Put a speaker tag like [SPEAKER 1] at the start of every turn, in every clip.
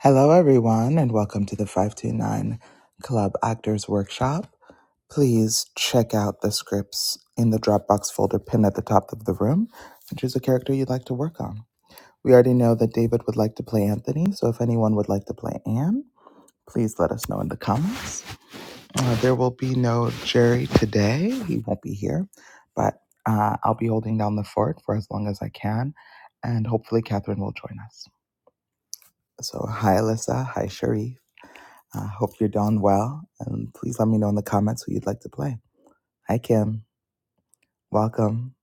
[SPEAKER 1] Hello, everyone, and welcome to the 529 Club Actors Workshop. Please check out the scripts in the Dropbox folder pinned at the top of the room and choose a character you'd like to work on. We already know that David would like to play Anthony, so if anyone would like to play Anne, please let us know in the comments. Uh, there will be no Jerry today, he won't be here, but uh, I'll be holding down the fort for as long as I can, and hopefully, Catherine will join us. So, hi, Alyssa. Hi, Sharif. I hope you're doing well. And please let me know in the comments who you'd like to play. Hi, Kim. Welcome.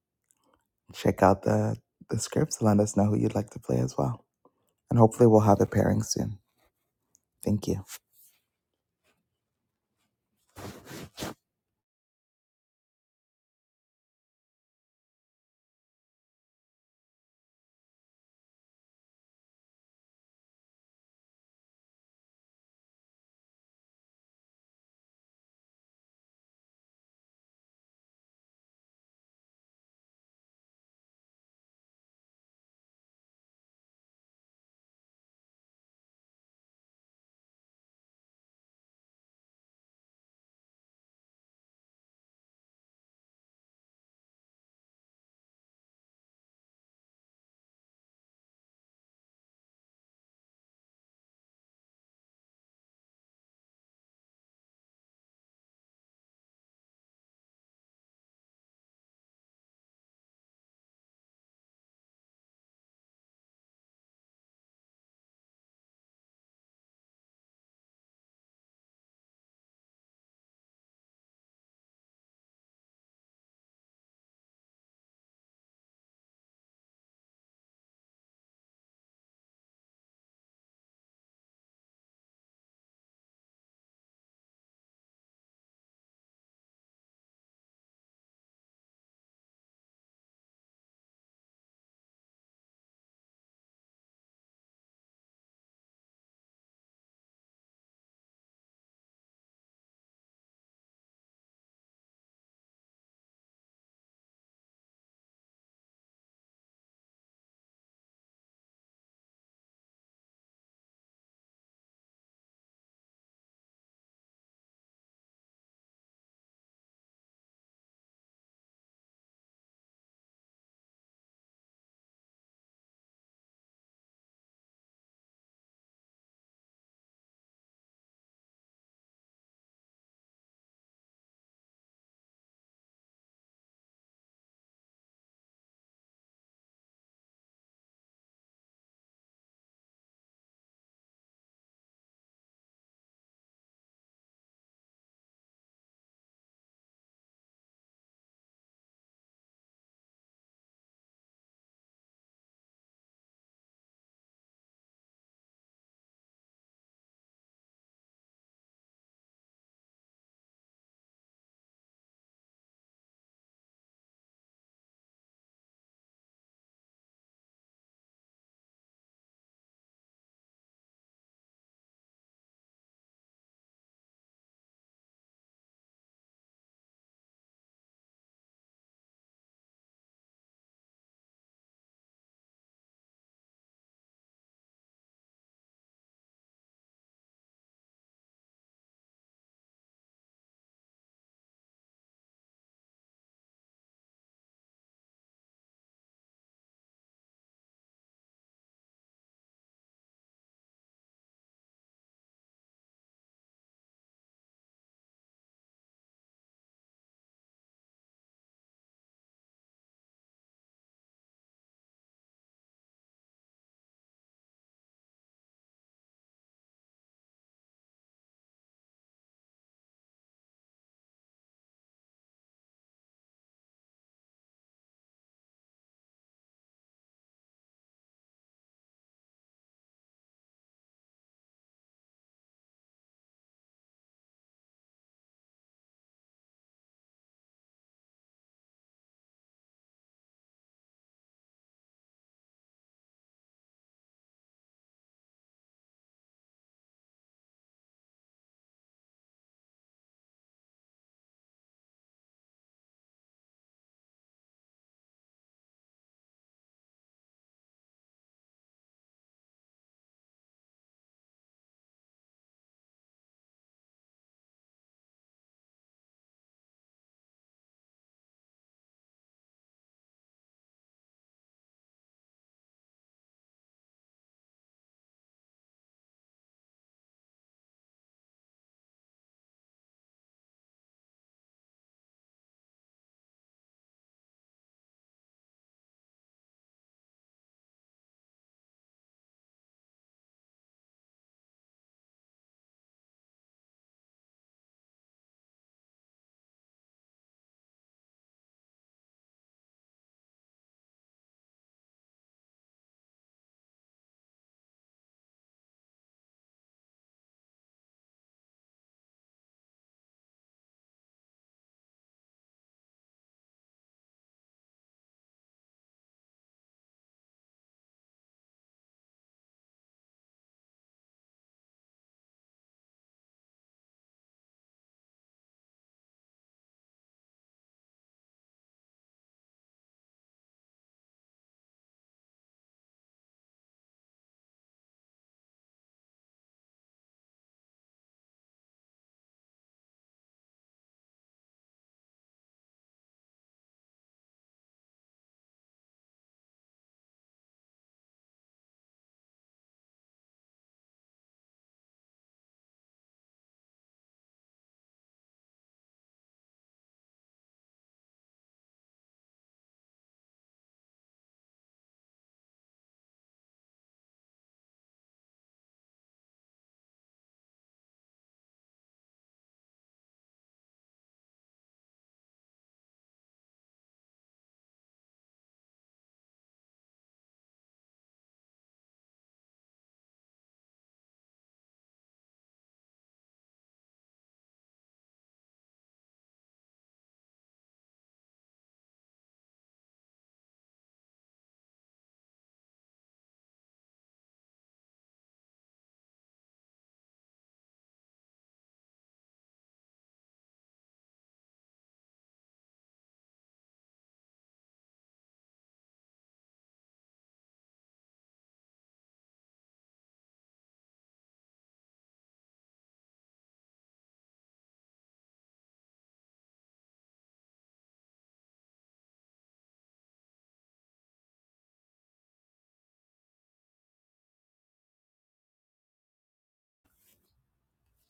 [SPEAKER 1] Check out the, the scripts and let us know who you'd like to play as well. And hopefully, we'll have a pairing soon. Thank you.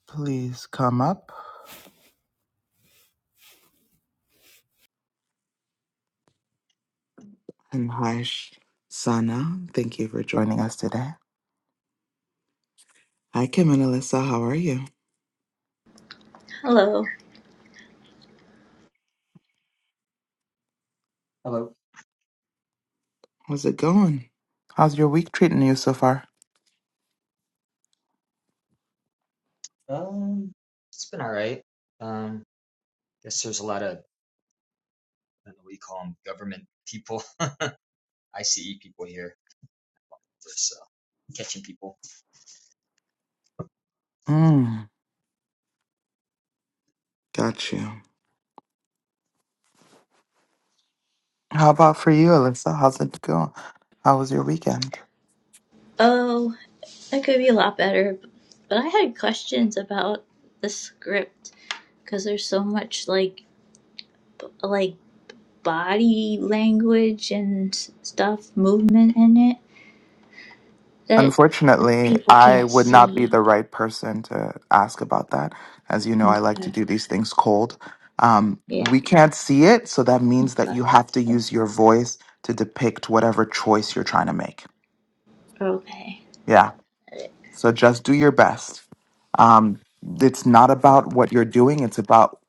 [SPEAKER 1] Please come up. And hi, Sh- Sana. Thank you for joining us today. Hi, Kim and Alyssa. How are you?
[SPEAKER 2] Hello.
[SPEAKER 3] Hello.
[SPEAKER 1] How's it going? How's your week treating you so far?
[SPEAKER 3] Um, it's been all right. Um, guess there's a lot of I don't know what you call them, government people, ICE people here, so catching people.
[SPEAKER 1] Mm, got you. How about for you, Alyssa? How's it going? How was your weekend?
[SPEAKER 2] Oh, that could be a lot better, but I had questions about the script because there's so much like b- like body language and stuff, movement in it that the
[SPEAKER 1] Unfortunately,
[SPEAKER 2] people
[SPEAKER 1] I
[SPEAKER 2] can't
[SPEAKER 1] would not be
[SPEAKER 2] see.
[SPEAKER 1] the right person to ask about that. As you know, I like to
[SPEAKER 2] Okay.
[SPEAKER 1] do these things cold. Um,
[SPEAKER 2] Yeah.
[SPEAKER 1] we can't see it, so that means that
[SPEAKER 2] Okay.
[SPEAKER 1] you have to use your voice to depict whatever choice you're trying to make.
[SPEAKER 2] Okay.
[SPEAKER 1] Yeah. So just do your best. Um, it's not about what you're doing. It's about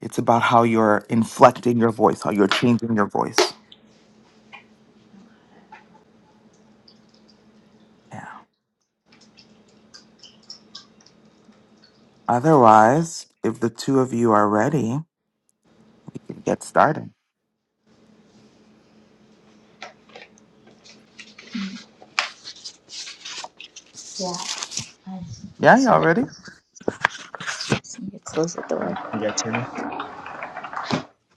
[SPEAKER 1] it's about how you're inflecting your voice, how you're changing your voice. Yeah. Otherwise, if the two of you are ready, we can get started.
[SPEAKER 2] Yeah. I-
[SPEAKER 1] Yeah,
[SPEAKER 2] That's
[SPEAKER 1] y'all
[SPEAKER 2] it.
[SPEAKER 1] ready?
[SPEAKER 2] I Just need to close the
[SPEAKER 3] Um,
[SPEAKER 2] door.
[SPEAKER 3] you guys hear me?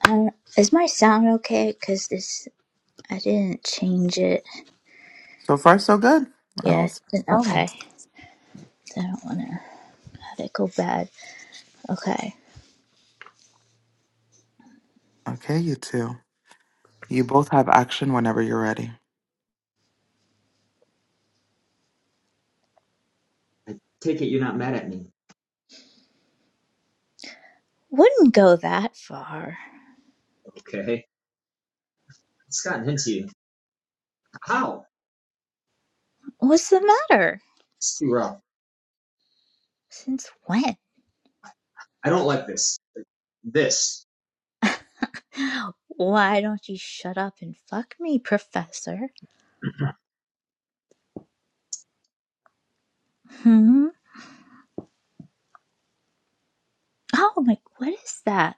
[SPEAKER 2] Um, is my sound okay? Cause this I didn't change it
[SPEAKER 1] So far, so good. I don't
[SPEAKER 2] yet.
[SPEAKER 1] see any
[SPEAKER 2] Okay.
[SPEAKER 1] problems.
[SPEAKER 2] I don't wanna have it go bad. Okay.
[SPEAKER 1] Okay, you two. You both have action whenever you're ready.
[SPEAKER 3] I take it you're not mad at me.
[SPEAKER 2] Wouldn't go that far.
[SPEAKER 3] Okay. It's gotten into you. How?
[SPEAKER 2] What's the matter?
[SPEAKER 3] It's too rough.
[SPEAKER 2] Since when?
[SPEAKER 3] I don't like this. This.
[SPEAKER 2] Why don't you shut up and fuck me, Professor? Hmm? Oh my, what is that?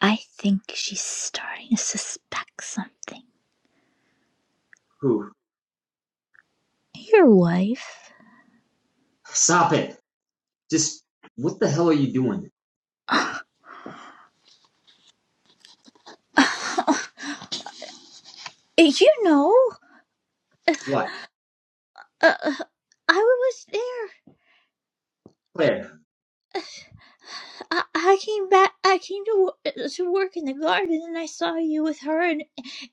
[SPEAKER 2] I think she's starting to suspect something.
[SPEAKER 3] Who?
[SPEAKER 2] Your wife?
[SPEAKER 3] Stop it. Just what the hell are you doing?
[SPEAKER 2] Uh, you know,
[SPEAKER 3] What?
[SPEAKER 2] uh, I was there.
[SPEAKER 3] Claire.
[SPEAKER 2] I, I came back. I came to to work in the garden, and I saw you with her in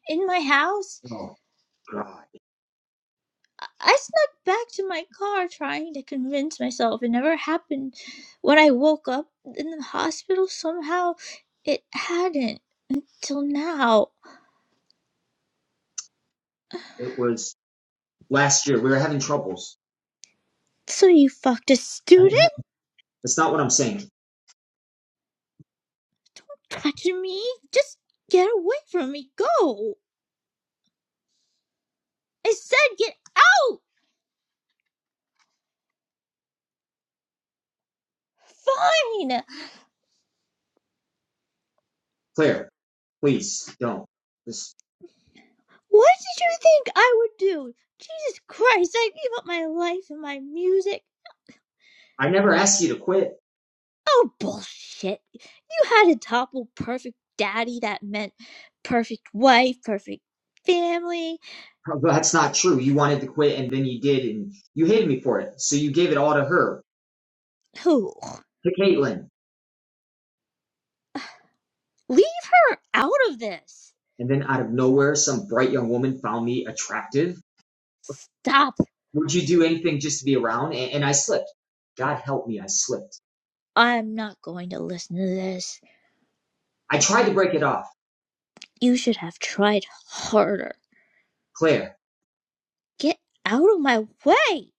[SPEAKER 2] in my house.
[SPEAKER 3] Oh God.
[SPEAKER 2] I snuck back to my car trying to convince myself it never happened. When I woke up in the hospital, somehow it hadn't until now.
[SPEAKER 3] It was last year. We were having troubles.
[SPEAKER 2] So you fucked a student?
[SPEAKER 3] That's not what I'm saying.
[SPEAKER 2] Touching me? Just get away from me. Go! I said get out! Fine!
[SPEAKER 3] Claire, please don't. Just,
[SPEAKER 2] What did you think I would do? Jesus Christ, I gave up my life and my music.
[SPEAKER 3] I never asked you to quit.
[SPEAKER 2] Oh, bullshit. You had a topple perfect daddy that meant perfect wife, perfect family.
[SPEAKER 3] That's not true. You wanted to quit and then you did and you hated me for it. So you gave it all to her,
[SPEAKER 2] Who?
[SPEAKER 3] to Caitlin.
[SPEAKER 2] Leave her out of this.
[SPEAKER 3] And then out of nowhere, some bright young woman found me attractive.
[SPEAKER 2] Stop.
[SPEAKER 3] Would you do anything just to be around? And, and I slipped. God help me, I slipped.
[SPEAKER 2] I'm not going to listen to this.
[SPEAKER 3] I tried to break it off.
[SPEAKER 2] You should have tried harder.
[SPEAKER 3] Claire,
[SPEAKER 2] Get out of my way.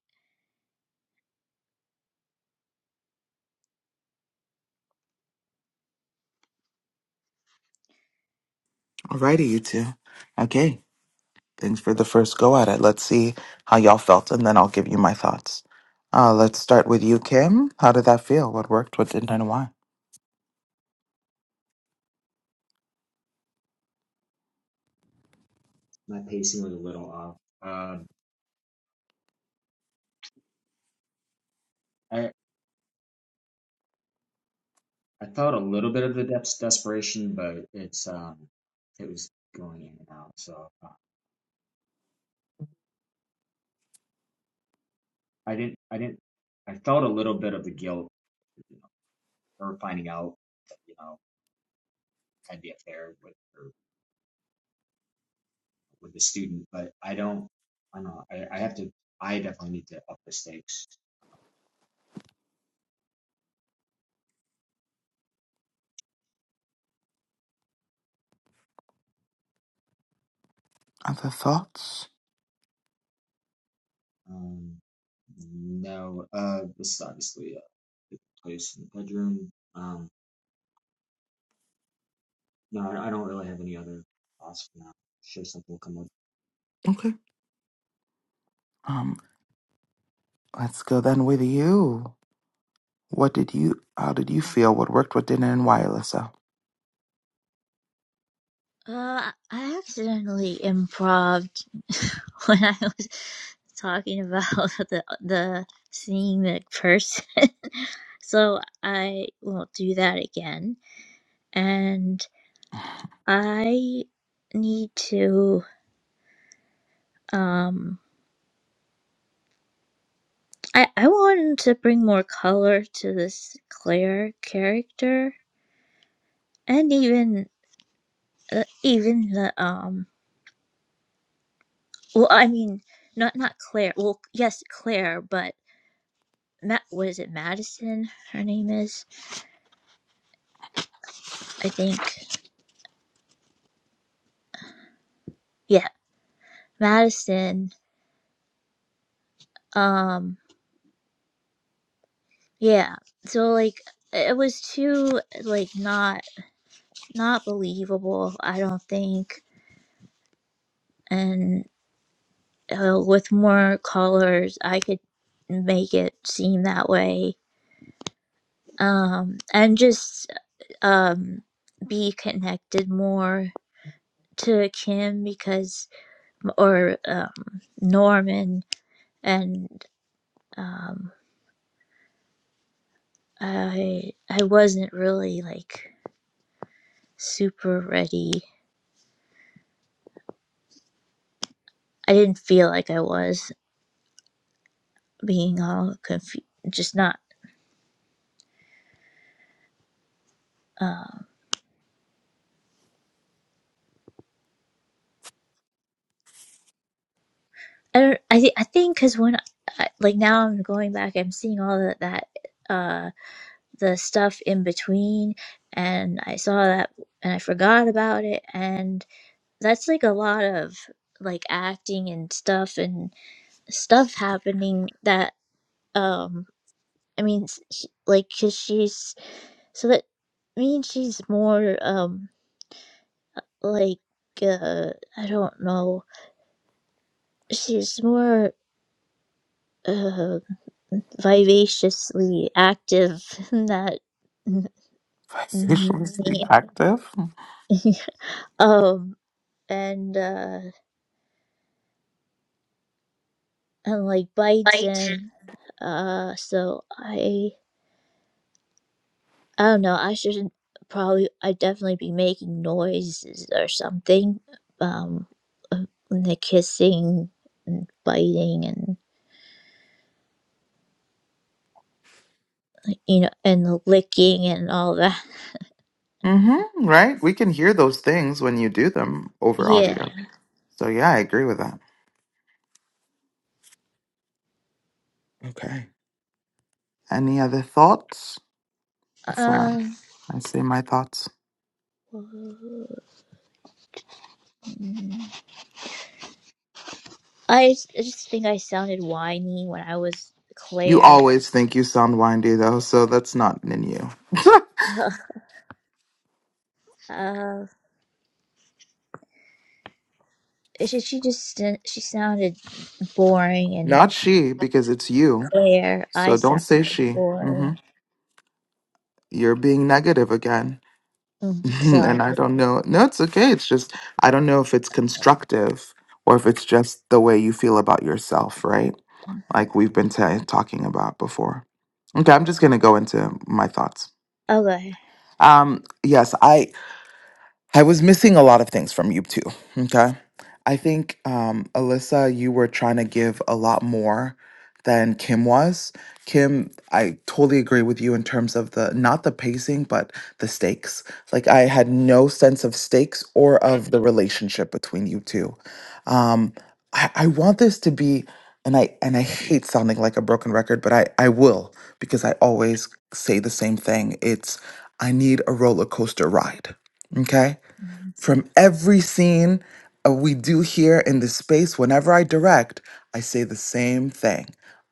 [SPEAKER 1] Alrighty, you two. Okay, thanks for the first go at it. Let's see how y'all felt, and then I'll give you my thoughts. Uh, let's start with you, Kim. How did that feel? What worked? What didn't? And why?
[SPEAKER 3] my pacing was a little off. Um, I, I felt a little bit of the depths desperation, but it's, um, it was going in and out. So, I didn't, I didn't, I felt a little bit of the guilt, you know, her finding out, that, you know, I had the affair with her, with the student, but I don't, I don't know, I, I have to, I definitely need to up the stakes.
[SPEAKER 1] Other thoughts?
[SPEAKER 3] Um, no, uh, this is obviously a place in the bedroom. Um, no, I I don't really have any other thoughts for now. I'm Sure, something will come up
[SPEAKER 1] Okay. Um, let's go then with you. What did you? How did you feel? What worked? What didn't? And why, Alyssa?
[SPEAKER 2] Uh, I accidentally improved when I was talking about the the seeing the person. So I won't do that again. and I need to um I I wanted to bring more color to this Claire character and even uh, even the um well I mean not not Claire well yes Claire but Ma- what is it Madison her name is I think yeah Madison um yeah so like it was too like not not believable I don't think and uh, with more colors, I could make it seem that way. Um, and just um, be connected more to Kim because, or um, Norman, and um, I I wasn't really like super ready. I didn't feel like I was being all confused, just not. Um, I don't. I, thi- I think because when I, like now I'm going back, I'm seeing all that that. uh the stuff in between and I saw that and I forgot about it and that's like a lot of like acting and stuff and stuff happening that um I mean s- sh- like cuz she's so that means she's more um like uh I don't know she's more uh vivaciously active than that
[SPEAKER 1] Vicariously
[SPEAKER 2] me
[SPEAKER 1] active.
[SPEAKER 2] um and uh and like bites in. Uh, so I I don't know. I shouldn't probably. I definitely be making noises or something. Um, uh, the kissing and biting and you know and the licking and all that.
[SPEAKER 1] Mm-hmm. Right? We can hear those things when you do them over
[SPEAKER 2] Yeah.
[SPEAKER 1] audio. So yeah, I agree with that. Okay. Any other thoughts before
[SPEAKER 2] Um.
[SPEAKER 1] I, I say my thoughts?
[SPEAKER 2] I just, I just think I sounded whiny when I was
[SPEAKER 1] You
[SPEAKER 2] Claire.
[SPEAKER 1] always think you sound windy though, so that's not in you.
[SPEAKER 2] Uh, she, she just she sounded boring and.
[SPEAKER 1] Not she, because it's you.
[SPEAKER 2] Where I
[SPEAKER 1] So don't say
[SPEAKER 2] sounded
[SPEAKER 1] she.
[SPEAKER 2] or
[SPEAKER 1] Mm-hmm. You're being negative again.
[SPEAKER 2] mm, sorry.
[SPEAKER 1] and I don't know. No, it's okay. It's just I don't know if it's constructive or if it's just the way you feel about yourself, right? like we've been ta talking about before. Okay, I'm just going to go into my thoughts.
[SPEAKER 2] Okay.
[SPEAKER 1] Um, yes, I. I was missing a lot of things from you too. Okay. I think, um, Alyssa, you were trying to give a lot more than Kim was. Kim, I totally agree with you in terms of the not the pacing, but the stakes. Like, I had no sense of stakes or of the relationship between you two. Um, I, I want this to be. And I and I hate sounding like a broken record, but I, I will because I always say the same thing. It's I need a roller coaster ride. Okay? From every scene uh, we do here in the space, whenever I direct, I say the same thing.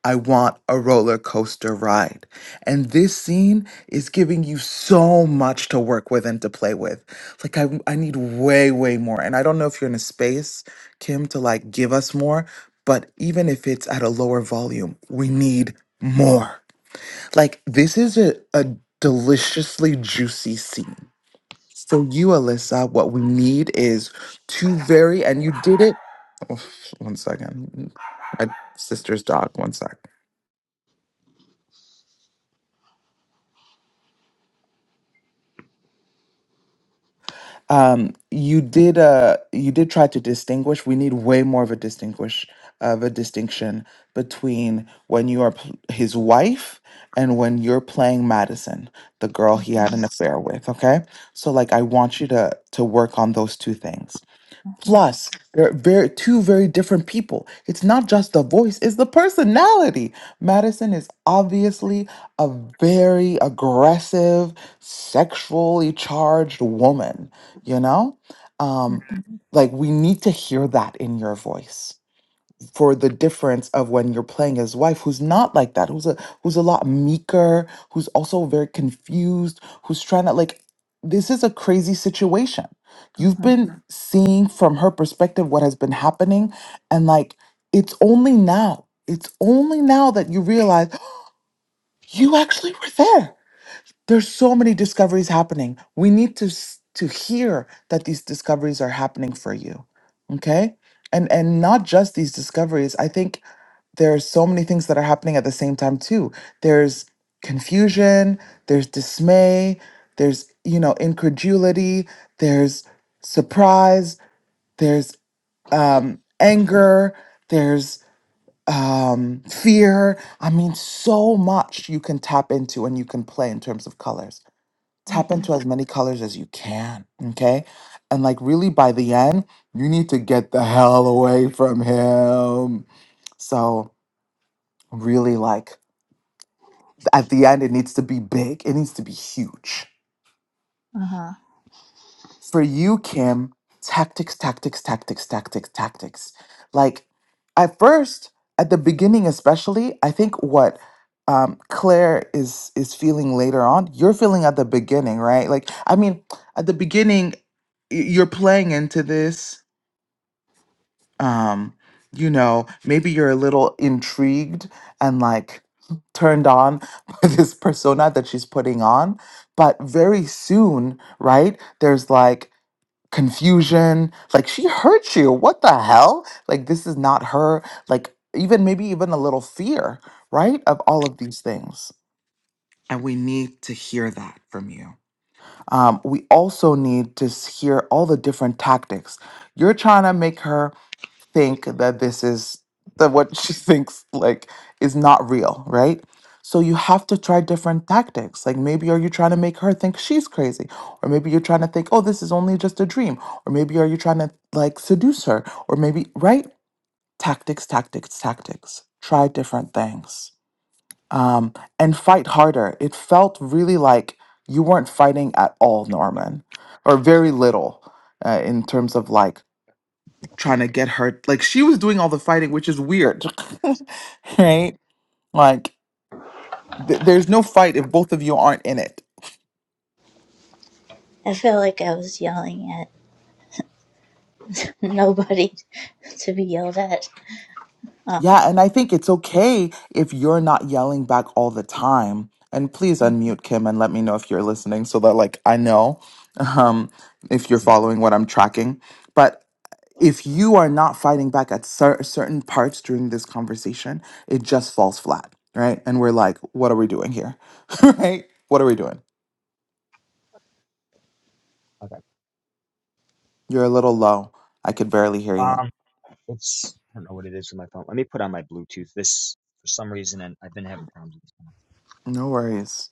[SPEAKER 1] I want a roller coaster ride. And this scene is giving you so much to work with and to play with. Like, I, I need way, way more. And I don't know if you're in a space, Kim, to like give us more, but even if it's at a lower volume, we need more. Like, this is a, a deliciously juicy scene so you, Alyssa, what we need is two very, and you did it. Oh, One second, my sister's dog. One sec. Um, you did. Uh, you did try to distinguish. We need way more of a distinguish of a distinction between when you are p- his wife and when you're playing Madison, the girl he had an affair with. Okay, so like I want you to to work on those two things.
[SPEAKER 2] Uh-huh.
[SPEAKER 1] Plus, they're very two very different people. It's not just the voice, it's the personality. Madison is obviously a very aggressive, sexually charged woman, you know? Um, like we need to hear that in your voice for the difference of when you're playing his wife who's not like that who's a who's a lot meeker who's also very confused who's trying to like this is a crazy situation you've
[SPEAKER 2] Uh-huh.
[SPEAKER 1] been Mhm. seeing from her perspective what has been happening and like it's only now it's only now that you realize "Oh, you actually were there there's so many discoveries happening we need to s- to hear that these discoveries are happening for you okay and and not just these discoveries i think there's so many things that are happening at the same time too there's confusion there's dismay there's you know incredulity there's surprise there's um anger there's um fear i mean so much you can tap into and you can play in terms of colors tap into as many colors as you can okay and like really by the end you need to get the hell away from him so really like At the end, it needs to be big, it needs to be huge.
[SPEAKER 2] Uh-huh.
[SPEAKER 1] For you, Kim, tactics, tactics, tactics, tactics, tactics. Like at first, at the beginning especially, I think what um Claire is is feeling later on, you're feeling at the beginning, right? Like, I mean, at the beginning, y- you're playing into this um you know maybe you're a little intrigued and like turned on by this persona that she's putting on but very soon right there's like confusion like she hurt you what the hell like this is not her like even maybe even a little fear right of all of these things and we need to hear that from you um, we also need to s- hear all the different tactics you're trying to make her think that this is that what she thinks like is not real, right? So you have to try different tactics. Like maybe are you trying to make her think she's crazy? Or maybe you're trying to think, "Oh, this is only just a dream." Or maybe are you trying to like seduce her? Or maybe, right? Tactics, tactics, tactics. Try different things. Um and fight harder. It felt really like you weren't fighting at all, Norman, or very little uh, in terms of like trying to get her like she was doing all the fighting which is weird right like th- there's no fight if both of you aren't in it
[SPEAKER 2] I felt like I was yelling at nobody to be yelled at. Uh,
[SPEAKER 1] yeah and i think it's okay if you're not yelling back all the time and please unmute kim and let me know if you're listening so that like i know um if you're following what i'm tracking but if you are not fighting back at cer- certain parts during this conversation it just falls flat right and we're like what are we doing here right what are we doing
[SPEAKER 3] Okay.
[SPEAKER 1] You're a little low. I could barely hear you.
[SPEAKER 3] Um, it's I don't know what it is with my phone. Let me put on my Bluetooth. This for some reason, and I've been having problems. with this.
[SPEAKER 1] No worries.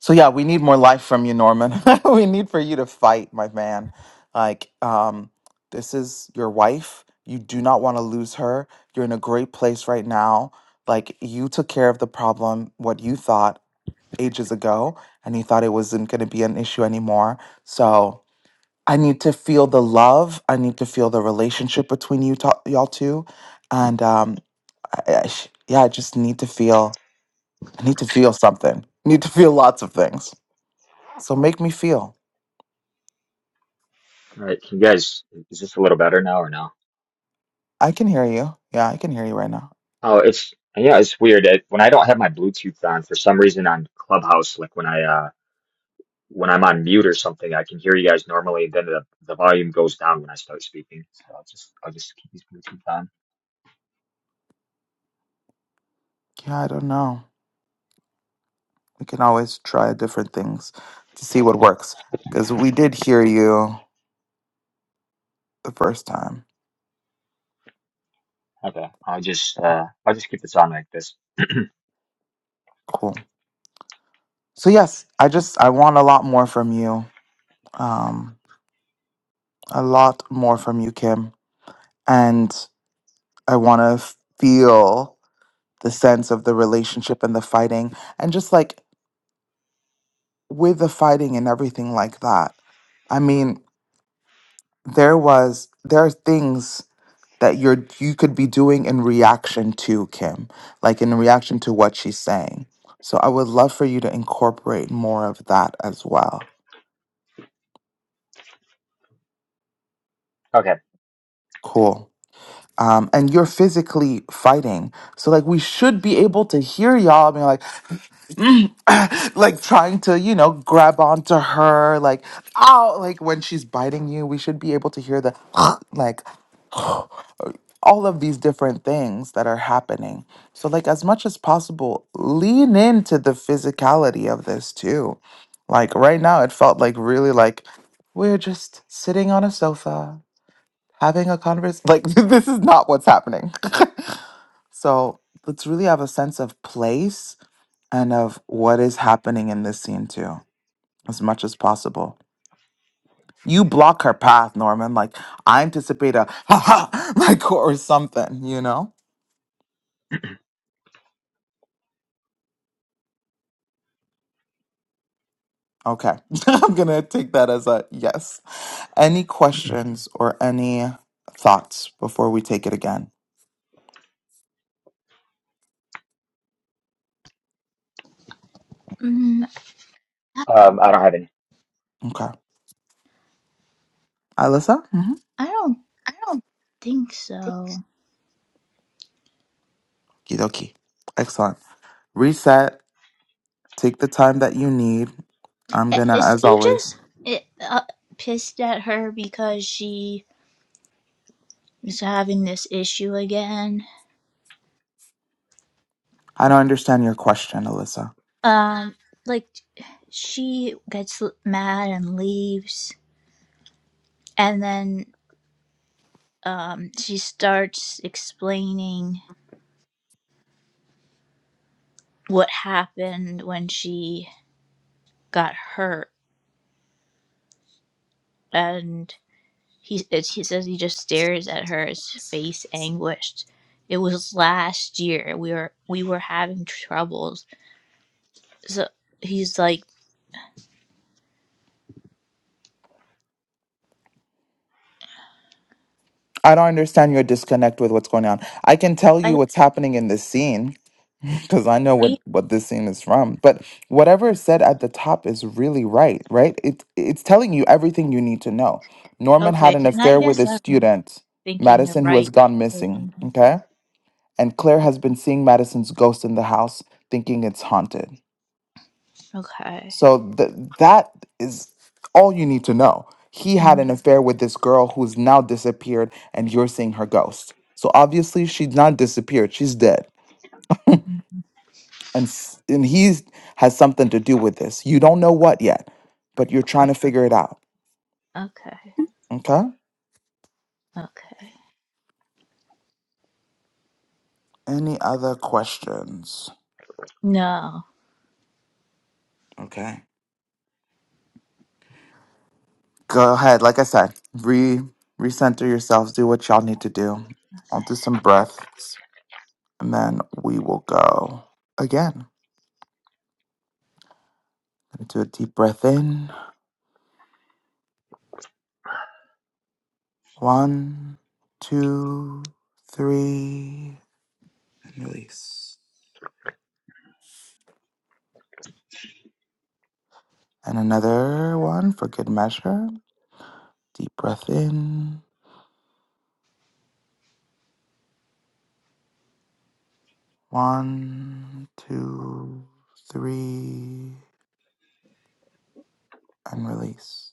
[SPEAKER 1] So yeah, we need more life from you, Norman. we need for you to fight, my man. Like, um, this is your wife. You do not want to lose her. You're in a great place right now. Like, you took care of the problem, what you thought ages ago, and you thought it wasn't going to be an issue anymore. So I need to feel the love. I need to feel the relationship between you, to- y'all two, and um, I, I, yeah, I just need to feel. I need to feel something. I need to feel lots of things. So make me feel.
[SPEAKER 3] All right, can you guys, is this a little better now or no?
[SPEAKER 1] I can hear you. Yeah, I can hear you right now.
[SPEAKER 3] Oh, it's yeah, it's weird. It, when I don't have my Bluetooth on, for some reason on Clubhouse, like when I uh when I'm on mute or something, I can hear you guys normally, and then the the volume goes down when I start speaking. So I'll just I'll just keep these Bluetooth on.
[SPEAKER 1] Yeah, I don't know. We can always try different things to see what works. Because we did hear you the first time.
[SPEAKER 3] Okay, I'll just uh I'll just keep this on like this.
[SPEAKER 1] Cool. So yes, I just I want a lot more from you. Um, a lot more from you, Kim. And I want to feel the sense of the relationship and the fighting, and just like with the fighting and everything like that. I mean, there was there are things that you're you could be doing in reaction to Kim, like in reaction to what she's saying. So I would love for you to incorporate more of that as well.
[SPEAKER 3] Okay,
[SPEAKER 1] Cool. Um, and you're physically fighting, so like we should be able to hear y'all being like, like trying to you know grab onto her, like ow, like when she's biting you, we should be able to hear the like all of these different things that are happening. So, like, as much as possible, lean into the physicality of this too. Like, right now, it felt like really like we're just sitting on a sofa having a conversation. Like, this is not what's happening. so, let's really have a sense of place and of what is happening in this scene too, as much as possible. You block her path, Norman. Like, I anticipate a ha ha, like, or something, you know? Okay. I'm going to take that as a yes. Any questions or any thoughts before we take it again?
[SPEAKER 2] mm,
[SPEAKER 3] um, I don't have any.
[SPEAKER 1] Okay. Alyssa? Mm-hmm.
[SPEAKER 2] I don't think so.
[SPEAKER 1] Okie dokie. Excellent. Reset. Take the time that you need. I'm
[SPEAKER 2] Eh,
[SPEAKER 1] going to,
[SPEAKER 2] Is
[SPEAKER 1] as
[SPEAKER 2] he
[SPEAKER 1] always,
[SPEAKER 2] just eh, uh, pissed at her because she is having this issue again?
[SPEAKER 1] I don't understand your question, Alyssa.
[SPEAKER 2] Um, like she gets l- mad and leaves, and then um, she starts explaining what happened when she got hurt, and he and he says he just stares at her, his face anguished. It was last year. We were we were having troubles, so he's like,
[SPEAKER 1] I don't understand your disconnect with what's going on. I can tell you
[SPEAKER 2] I,
[SPEAKER 1] what's happening in this scene. because I know what
[SPEAKER 2] he-
[SPEAKER 1] what this scene is from. But whatever is said at the top is really right, right? It it's telling you everything you need to know. Norman had
[SPEAKER 2] okay,
[SPEAKER 1] an
[SPEAKER 2] and I
[SPEAKER 1] affair with
[SPEAKER 2] guess
[SPEAKER 1] a
[SPEAKER 2] I'm
[SPEAKER 1] student,
[SPEAKER 2] thinking the
[SPEAKER 1] Madison, who
[SPEAKER 2] right
[SPEAKER 1] has gone
[SPEAKER 2] thing.
[SPEAKER 1] missing. Okay, and Claire has been seeing Madison's ghost in the house, thinking it's haunted.
[SPEAKER 2] Okay.
[SPEAKER 1] So th- that is all you need to know. He had
[SPEAKER 2] Mhm.
[SPEAKER 1] an affair with this girl who's now disappeared, and you're seeing her ghost. So obviously she's not disappeared; she's dead and s- and he has something to do with this. You don't know what yet, but you're
[SPEAKER 2] O-
[SPEAKER 1] trying to figure it out.
[SPEAKER 2] Okay.
[SPEAKER 1] Okay.
[SPEAKER 2] Okay.
[SPEAKER 1] Any other questions?
[SPEAKER 2] No,
[SPEAKER 1] Okay. Go ahead. Like I said, re recenter yourselves. Do what y'all need to do. I'll do some breaths, and then we will go again. Gonna do a deep breath in. One, two, three, and release. And another one for good measure. Deep breath in. One, two, three, and release.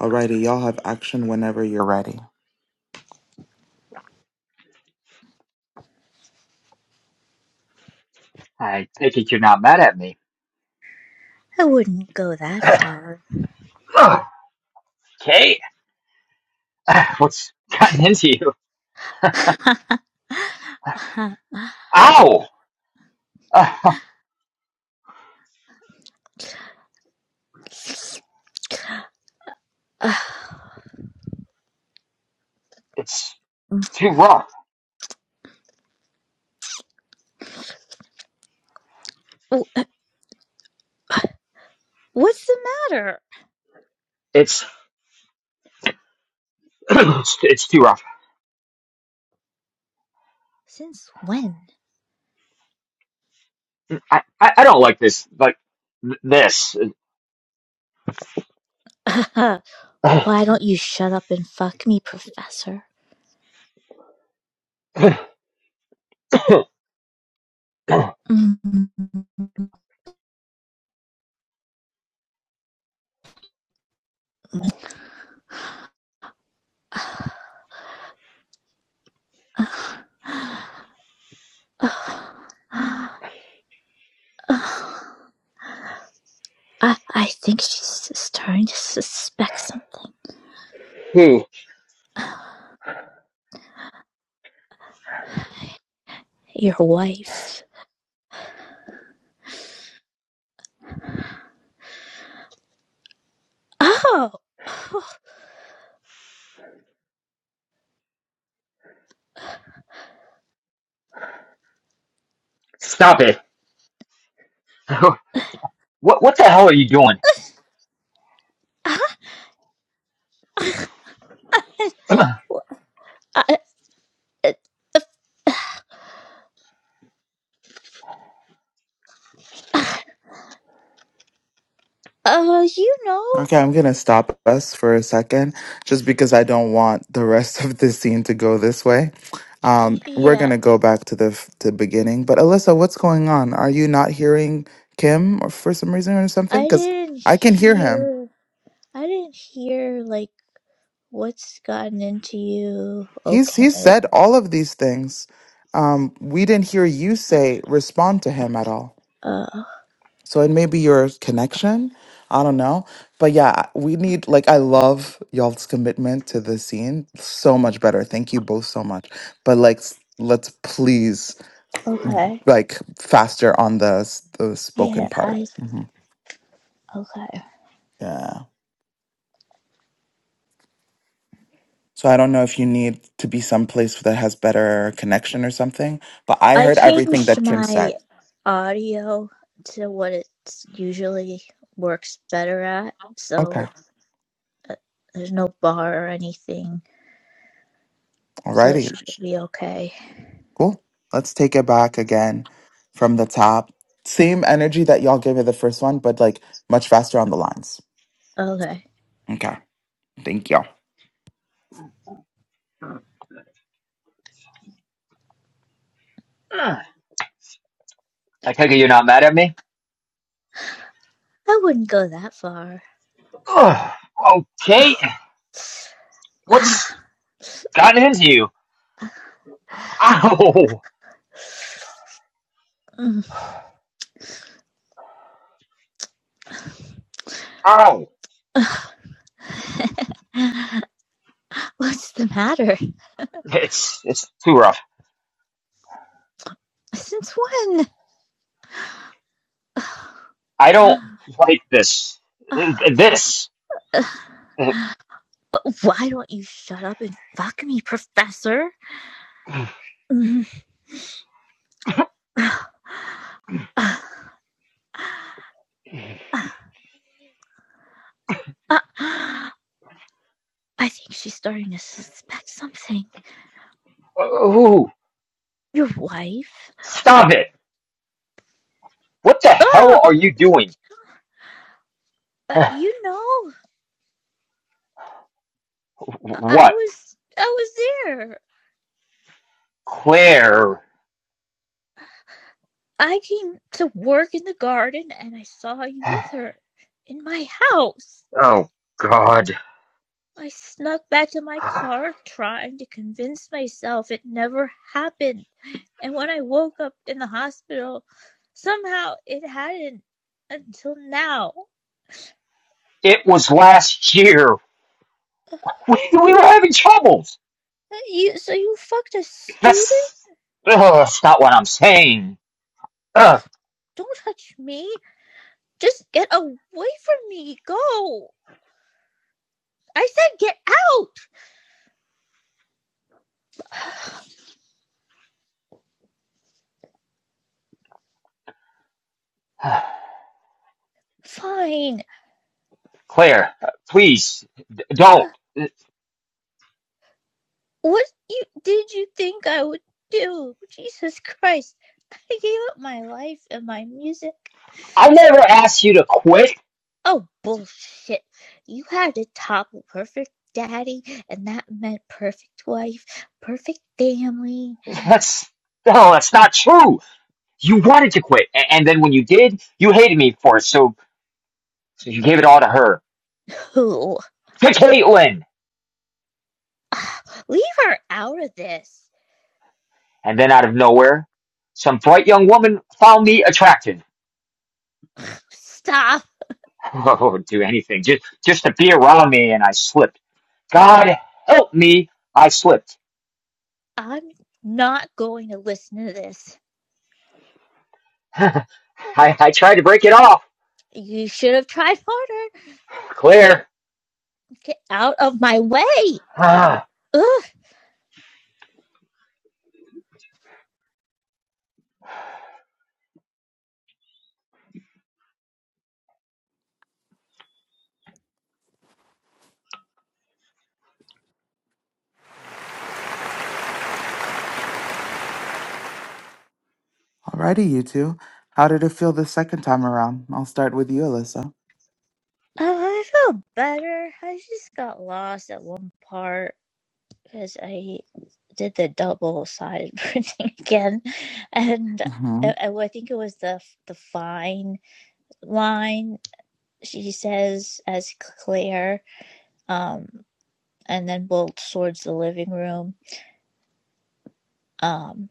[SPEAKER 1] Alrighty, y'all have action whenever you're ready.
[SPEAKER 3] I take it you're not mad at me.
[SPEAKER 2] I wouldn't go that far.
[SPEAKER 3] Ugh, Kate, what's gotten into you?
[SPEAKER 2] Wh-
[SPEAKER 3] Ow! it's too rough.
[SPEAKER 2] What's the matter?
[SPEAKER 3] It's it's, too rough.
[SPEAKER 2] Since when?
[SPEAKER 3] I, I, I don't like this. Like th- this.
[SPEAKER 2] Why don't you shut up and fuck me, Professor? I, I think she's starting to suspect something.
[SPEAKER 3] Hey,
[SPEAKER 2] Your wife. Oh!
[SPEAKER 3] stop it. What what the hell are you doing? I
[SPEAKER 2] Oh, ah, I, uh, uh, you know?
[SPEAKER 1] Okay, I'm gonna stop us for a second just because I don't want the rest of this scene to go this way. Um, we're
[SPEAKER 2] Yeah.
[SPEAKER 1] gonna go back to the f- to beginning. But Alyssa, what's going on? Are you not hearing Kim or for some reason or something?
[SPEAKER 2] I
[SPEAKER 1] Because
[SPEAKER 2] didn't
[SPEAKER 1] I can hear him.
[SPEAKER 2] hear. I didn't hear like what's gotten into you.
[SPEAKER 1] He's
[SPEAKER 2] Okay.
[SPEAKER 1] he's said all of these things. Um, we didn't hear you say respond to him at all.
[SPEAKER 2] Uh.
[SPEAKER 1] So it may be your connection. I don't know. But yeah, we need, like, I love y'all's commitment to the scene so much better. Thank you both so much. But, like, s- let's please,
[SPEAKER 2] Okay.
[SPEAKER 1] like, faster on the, s- the spoken
[SPEAKER 2] Yeah.
[SPEAKER 1] part.
[SPEAKER 2] I.
[SPEAKER 1] hmm
[SPEAKER 2] Okay.
[SPEAKER 1] Yeah. So I don't know if you need to be someplace that has better connection or something, but I
[SPEAKER 2] I
[SPEAKER 1] heard everything
[SPEAKER 2] changed
[SPEAKER 1] that Kim said.
[SPEAKER 2] my audio to what it usually works better at,
[SPEAKER 1] Okay.
[SPEAKER 2] so uh, there's no bar or anything, so it
[SPEAKER 1] Alrighty.
[SPEAKER 2] should be okay.
[SPEAKER 1] Cool. Let's take it back again from the top. Same energy that y'all gave it the first one, but like much faster on the lines.
[SPEAKER 2] Okay.
[SPEAKER 1] Okay. Thank you. all
[SPEAKER 3] take it you're not mad at me.
[SPEAKER 2] I wouldn't go that far.
[SPEAKER 3] Ugh, Okay. What's
[SPEAKER 2] Ah.
[SPEAKER 3] gotten into you? Ow!
[SPEAKER 2] mm.
[SPEAKER 3] Ow!
[SPEAKER 2] What's the matter?
[SPEAKER 3] It's it's too rough.
[SPEAKER 2] Since when?
[SPEAKER 3] I don't like this. This.
[SPEAKER 2] Why don't you shut up and fuck me, Professor? I think she's starting to suspect something.
[SPEAKER 3] Ooh!
[SPEAKER 2] Your wife?
[SPEAKER 3] Stop it! What the hell are
[SPEAKER 2] Oh,
[SPEAKER 3] you doing?
[SPEAKER 2] uh, you know, I-, I
[SPEAKER 3] What,
[SPEAKER 2] was I was there.
[SPEAKER 3] Claire?
[SPEAKER 2] I came to work in the garden and I saw you with her in my house.
[SPEAKER 3] Oh God.
[SPEAKER 2] I snuck back to my car trying to convince myself it never happened. And when I woke up in the hospital, somehow it hadn't until now.
[SPEAKER 3] It was last year. We, we were having troubles.
[SPEAKER 2] Uh, You, so you fucked a student?
[SPEAKER 3] That's, Ugh, that's not what I'm saying. Ugh.
[SPEAKER 2] Don't touch me. Just get away from me. Go. I said get out. Fine.
[SPEAKER 3] Claire, uh, please, d- don't.
[SPEAKER 2] What you did you think I would do? Jesus Christ. I gave up my life and my music.
[SPEAKER 3] I never asked you to quit.
[SPEAKER 2] Oh, bullshit. You had to top perfect daddy, and that meant perfect wife, perfect family.
[SPEAKER 3] That's, no, that's not true. You wanted to quit, a- and then when you did, you hated me for it, so, so you gave it all to her.
[SPEAKER 2] Who?
[SPEAKER 3] To Caitlin!
[SPEAKER 2] Leave her out of this.
[SPEAKER 3] And then out of nowhere, some bright young woman found me attractive
[SPEAKER 2] Stop.
[SPEAKER 3] Oh, do anything. Just just to be around me and I slipped. God help me, I slipped.
[SPEAKER 2] I'm not going to listen to this.
[SPEAKER 3] I, I tried to break it off.
[SPEAKER 2] You should have tried harder.
[SPEAKER 3] Clear.
[SPEAKER 2] Get out of my way.
[SPEAKER 3] Ah,
[SPEAKER 2] Ugh.
[SPEAKER 1] Alrighty, you two. How did it feel the second time around? I'll start with you, Alyssa.
[SPEAKER 2] Oh, I feel better. I just got lost at one part. because I did the double sided printing again, and
[SPEAKER 1] Mm-hmm.
[SPEAKER 2] I, I think it was the the fine line she says as Claire, um, and then bolts towards the living room. Um,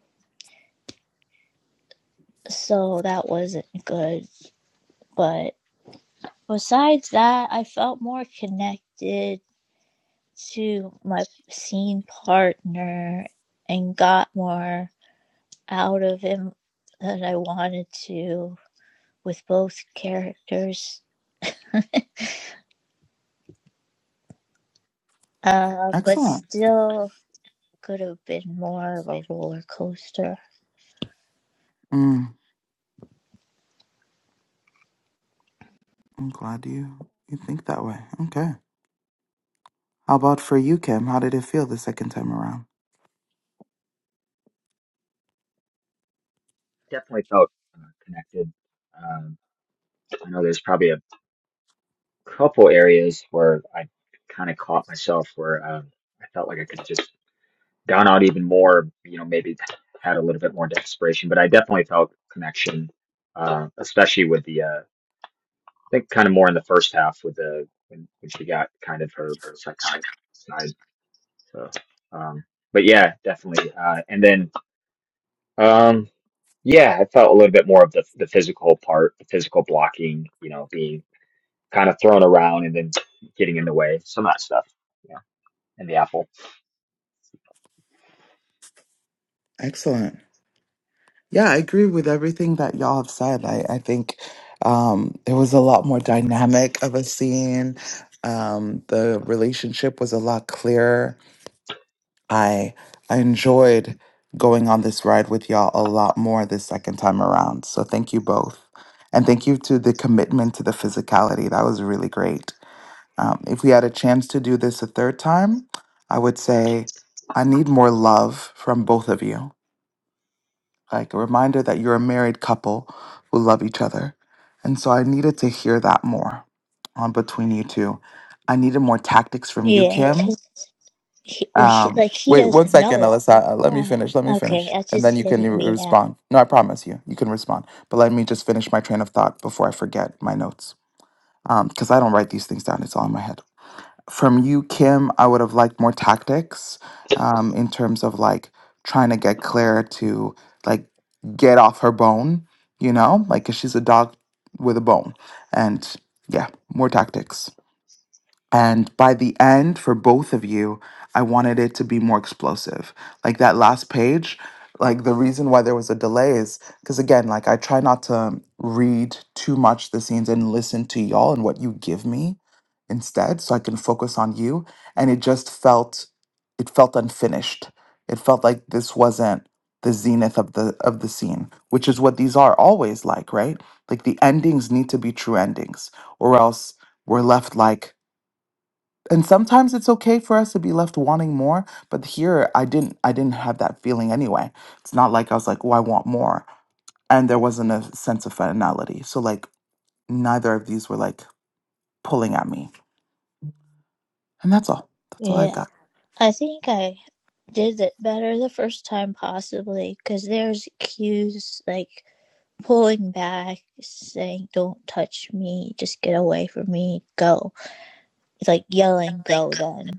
[SPEAKER 2] so that wasn't good, but besides that, I felt more connected to my scene partner and got more out of him than I wanted to with both characters, uh, but
[SPEAKER 1] Excellent.
[SPEAKER 2] still could have been more of a roller coaster.
[SPEAKER 1] Mm, I'm glad you you think that way. Okay. How about for you, Kim? How did it feel the second time around?
[SPEAKER 3] definitely felt uh, connected. Um, I know there's probably a couple areas where I kind of caught myself where um, I felt like I could just down out even more, you know, maybe had a little bit more desperation, but I definitely felt connection, uh, especially with the, uh, I think kind of more in the first half with the when, when she got kind of her psychotic side. So, um, but yeah, definitely. Uh, and then, um, yeah, I felt a little bit more of the the physical part, the physical blocking. You know, being kind of thrown around and then getting in the way. Some of that stuff. You know, and the apple.
[SPEAKER 1] Excellent. Yeah, I agree with everything that y'all have said. I, I think um, it was a lot more dynamic of a scene. Um, the relationship was a lot clearer. I I enjoyed going on this ride with y'all a lot more this second time around. So thank you both, and thank you to the commitment to the physicality. That was really great. Um, if we had a chance to do this a third time, I would say I need more love from both of you like a reminder that you're a married couple who love each other. And so I needed to hear that more um, between you two. I needed more tactics from you,
[SPEAKER 2] Yeah,
[SPEAKER 1] Kim.
[SPEAKER 2] because he, well, he,
[SPEAKER 1] Um,
[SPEAKER 2] like he
[SPEAKER 1] wait one
[SPEAKER 2] doesn't
[SPEAKER 1] second,
[SPEAKER 2] know the
[SPEAKER 1] Alyssa. Uh, Let me
[SPEAKER 2] whole time.
[SPEAKER 1] finish. Let me
[SPEAKER 2] Okay,
[SPEAKER 1] finish.
[SPEAKER 2] that's
[SPEAKER 1] And
[SPEAKER 2] just
[SPEAKER 1] then you can
[SPEAKER 2] hitting
[SPEAKER 1] re-
[SPEAKER 2] me now.
[SPEAKER 1] respond. No, I promise you, you can respond. But let me just finish my train of thought before I forget my notes. Because I don't write these things down, it's all in my head. From you, Kim, I would have liked more tactics um, in terms of like trying to get Claire to like get off her bone, you know, like 'cause she's a dog with a bone. And yeah, more tactics. And by the end, for both of you, I wanted it to be more explosive. Like that last page, like the reason why there was a delay is because, again, like I try not to read too much the scenes and listen to y'all and what you give me instead so I can focus on you. And it just felt, it felt unfinished. It felt like this wasn't the zenith of the of the scene which is what these are always like right like the endings need to be true endings or else we're left like and sometimes it's okay for us to be left wanting more but here i didn't i didn't have that feeling anyway it's not like i was like oh i want more and there wasn't a sense of finality so like neither of these were like pulling at me and that's all that's all i
[SPEAKER 2] Yeah,
[SPEAKER 1] got
[SPEAKER 2] I think I did it better the first time possibly because there's cues like pulling back, saying "Don't touch me, just get away from me, go." It's like yelling "Go!" Then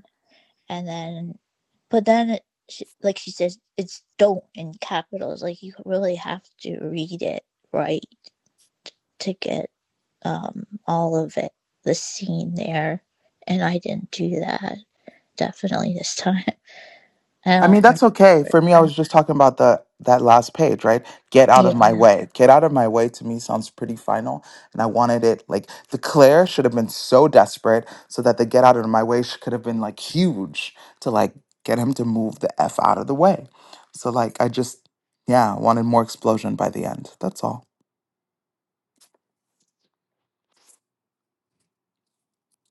[SPEAKER 2] and then but then she, like she says it's don't in capitals like you really have to read it right to get um all of it the scene there and i didn't do that definitely this time i
[SPEAKER 1] I
[SPEAKER 2] don't
[SPEAKER 1] mean, that's
[SPEAKER 2] remember
[SPEAKER 1] okay. For me, I was just talking about the that last page, right? Get out of my
[SPEAKER 2] yeah
[SPEAKER 1] way. Get out of my way to me sounds pretty final, and I wanted it like the Claire should have been so desperate so that the get out of my way sh- could have been like huge to like get him to move the f out of the way. So like I just yeah wanted more explosion by the end. That's all.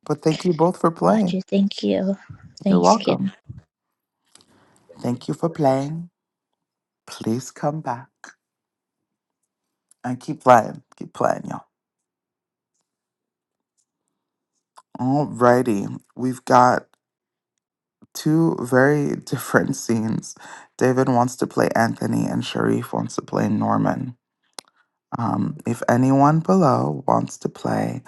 [SPEAKER 1] But thank you both for
[SPEAKER 2] got
[SPEAKER 1] playing.
[SPEAKER 2] you thank you
[SPEAKER 1] You're
[SPEAKER 2] thanks
[SPEAKER 1] welcome.
[SPEAKER 2] kim
[SPEAKER 3] Thank you.
[SPEAKER 1] Thank you for playing. Please come back and keep playing. Keep playing, y'all. Alrighty, we've got two very different scenes. David wants to play Anthony, and Sharif wants to play Norman. Um, if anyone below wants to play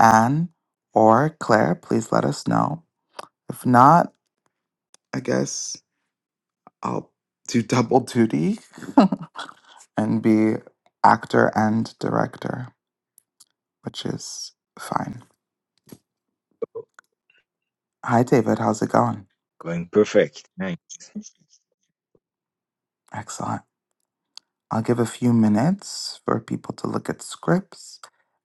[SPEAKER 1] Anne or Claire, please let us know. If not, I guess I'll do double duty and be actor and director, which is fine. Hi, David. How's it going?
[SPEAKER 4] Going perfect. Nice.
[SPEAKER 1] Excellent. I'll give a few minutes for people to look at scripts.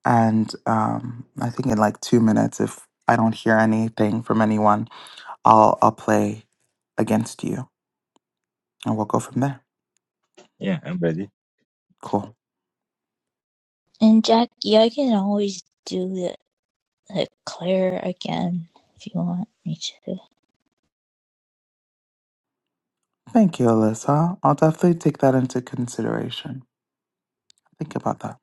[SPEAKER 1] And um, I think in like two minutes, if I don't hear anything from anyone, I'll, I'll play against you and we'll go from there.
[SPEAKER 4] Yeah, I'm ready.
[SPEAKER 1] Cool.
[SPEAKER 2] and jackie i can always do the, the claire again if you want me to
[SPEAKER 1] Thank you, Alyssa. I'll definitely take that into consideration. Think about that.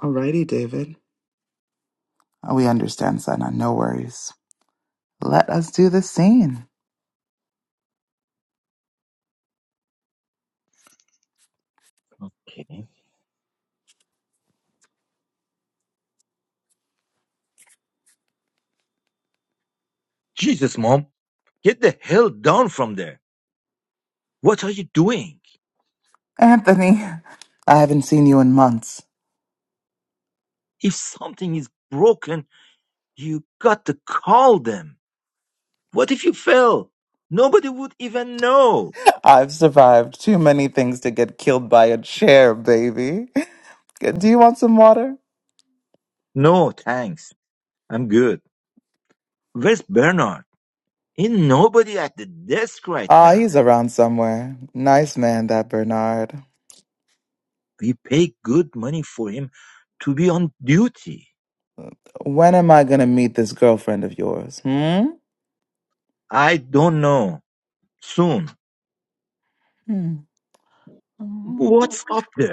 [SPEAKER 1] Alrighty, David. We understand, Sana. No worries. Let us do the scene.
[SPEAKER 4] Okay. Jesus, mom, get the hell down from there. What are you doing?
[SPEAKER 1] Anthony, I haven't seen you in months.
[SPEAKER 4] If something is broken, you got to call them. What if you fell? Nobody would even know.
[SPEAKER 1] I've survived too many things to get killed by a chair, baby. Do you want some water?
[SPEAKER 4] No, thanks. I'm good. Where's Bernard? Ain't nobody at the desk right
[SPEAKER 1] Ah,
[SPEAKER 4] now.
[SPEAKER 1] he's around somewhere. Nice man, that Bernard.
[SPEAKER 4] We pay good money for him to be on duty.
[SPEAKER 1] When am I gonna meet this girlfriend of yours? Hmm?
[SPEAKER 4] I don't know. Soon.
[SPEAKER 1] Hmm.
[SPEAKER 4] What's up there?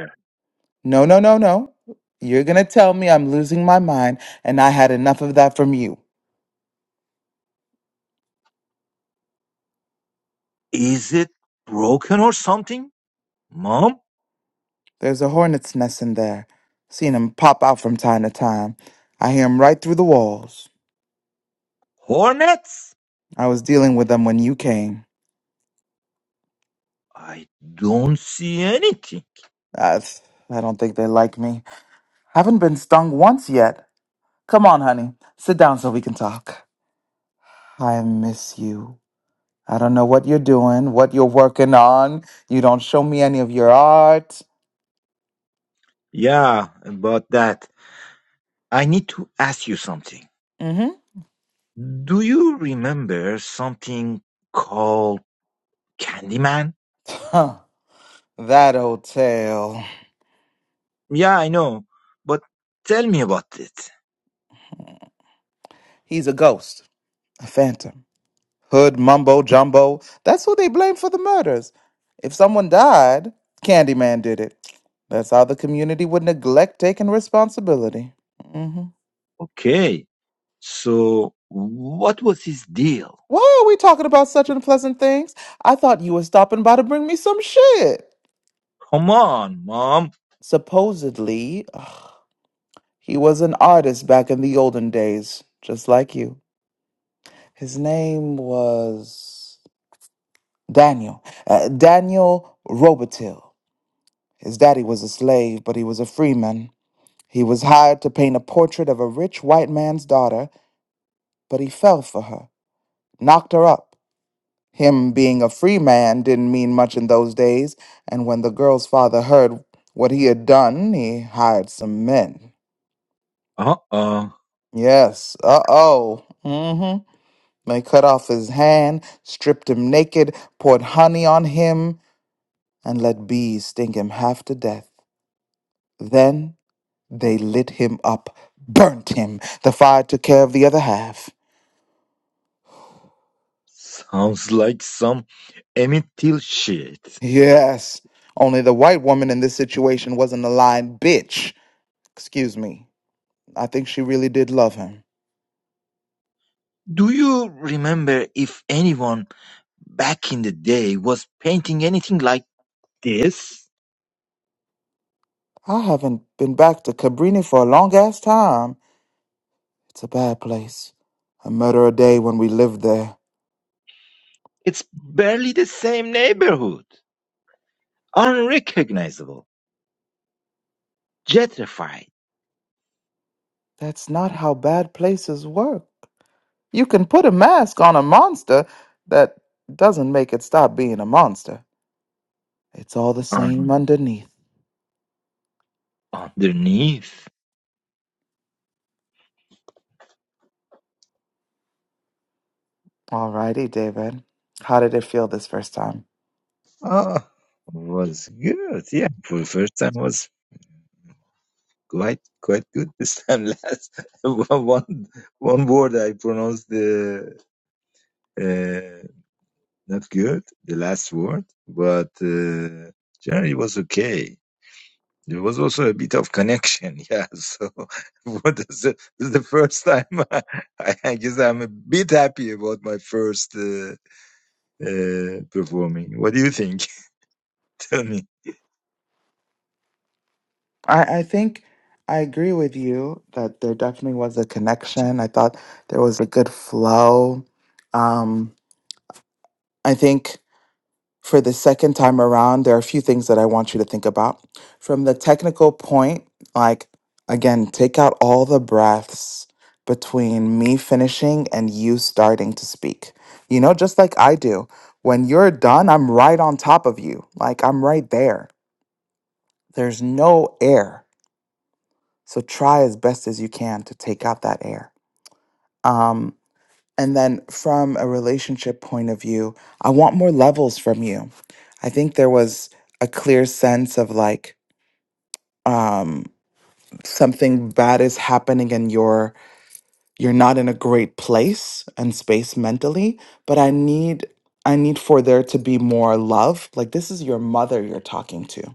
[SPEAKER 1] No, no, no, no. You're gonna tell me I'm losing my mind, and I had enough of that from you.
[SPEAKER 4] Is it broken or something? Mom?
[SPEAKER 1] There's a hornet's nest in there. Seen 'em pop out from time to time. I hear 'em right through the walls.
[SPEAKER 4] Hornets?
[SPEAKER 1] I was dealing with them when you came.
[SPEAKER 4] I don't see anything.
[SPEAKER 1] I, I don't think they like me. Haven't been stung once yet. Come on, honey. Sit down so we can talk. I miss you. I don't know what you're doing, what you're working on. You don't show me any of your art.
[SPEAKER 4] Yeah, about that. I need to ask you something.
[SPEAKER 1] Mm
[SPEAKER 4] Do you remember something called Candyman?
[SPEAKER 1] hmm. that old tale.
[SPEAKER 4] Yeah, I know. But tell me about it.
[SPEAKER 1] He's a ghost, a phantom. Hood mumbo jumbo. That's who they blame for the murders. If someone died, Candyman did it. That's how the community would neglect taking responsibility. Mm-hmm.
[SPEAKER 4] Okay. So, what was his deal?
[SPEAKER 1] Why are we talking about such unpleasant things? I thought you were stopping by to bring me some shit.
[SPEAKER 4] Come on, Mom.
[SPEAKER 1] Supposedly, ugh, he was an artist back in the olden days, just like you. His name was Daniel. Uh, Daniel Robitil. His daddy was a slave, but he was a freeman. He was hired to paint a portrait of a rich white man's daughter, but he fell for her, knocked her up. Him being a free man didn't mean much in those days, and when the girl's father heard what he had done, he hired some men.
[SPEAKER 4] Uh-uh.
[SPEAKER 1] Yes, uh oh. Mm hmm. They cut off his hand, stripped him naked, poured honey on him, and let bees sting him half to death. Then they lit him up, burnt him. The fire took care of the other half.
[SPEAKER 4] Sounds like some Emmett Till shit.
[SPEAKER 1] Yes, only the white woman in this situation wasn't a lying bitch. Excuse me. I think she really did love him.
[SPEAKER 4] Do you remember if anyone back in the day was painting anything like this?
[SPEAKER 1] I haven't been back to Cabrini for a long ass time. It's a bad place. A murder a day when we lived there.
[SPEAKER 4] It's barely the same neighborhood. Unrecognizable. Gentrified.
[SPEAKER 1] That's not how bad places work. You can put a mask on a monster that doesn't make it stop being a monster. It's all the same
[SPEAKER 4] Un-
[SPEAKER 1] underneath.
[SPEAKER 4] underneath.
[SPEAKER 1] Alrighty, David. How did it feel this first time?
[SPEAKER 4] Ah, was good. Yeah, for the first time was quite quite good this time. Last one one word I pronounced the uh, not good, the last word, but uh, generally it was okay. There was also a bit of connection, yeah. So, what is the, this is the first time I, I guess I'm a bit happy about my first uh, uh, performing. What do you think? Tell me.
[SPEAKER 1] I, I think I agree with you that there definitely was a connection. I thought there was a good flow. Um, I think for the second time around, there are a few things that I want you to think about. From the technical point, like again, take out all the breaths between me finishing and you starting to speak. You know, just like I do. When you're done, I'm right on top of you. Like I'm right there. There's no air. So try as best as you can to take out that air. Um, And then from a relationship point of view, I want more levels from you. I think there was a clear sense of like um something bad is happening and you're you're not in a great place and space mentally, but I need I need for there to be more love. Like this is your mother you're talking to,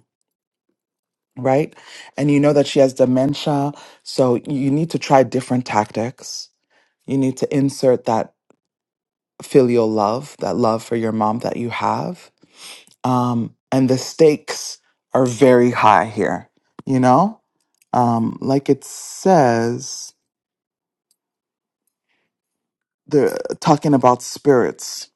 [SPEAKER 1] right? And you know that she has dementia, so you need to try different tactics. You need to insert that filial love, that love for your mom that you have. Um, and the stakes are very high here, you know? Um, like it says, they're talking about spirits.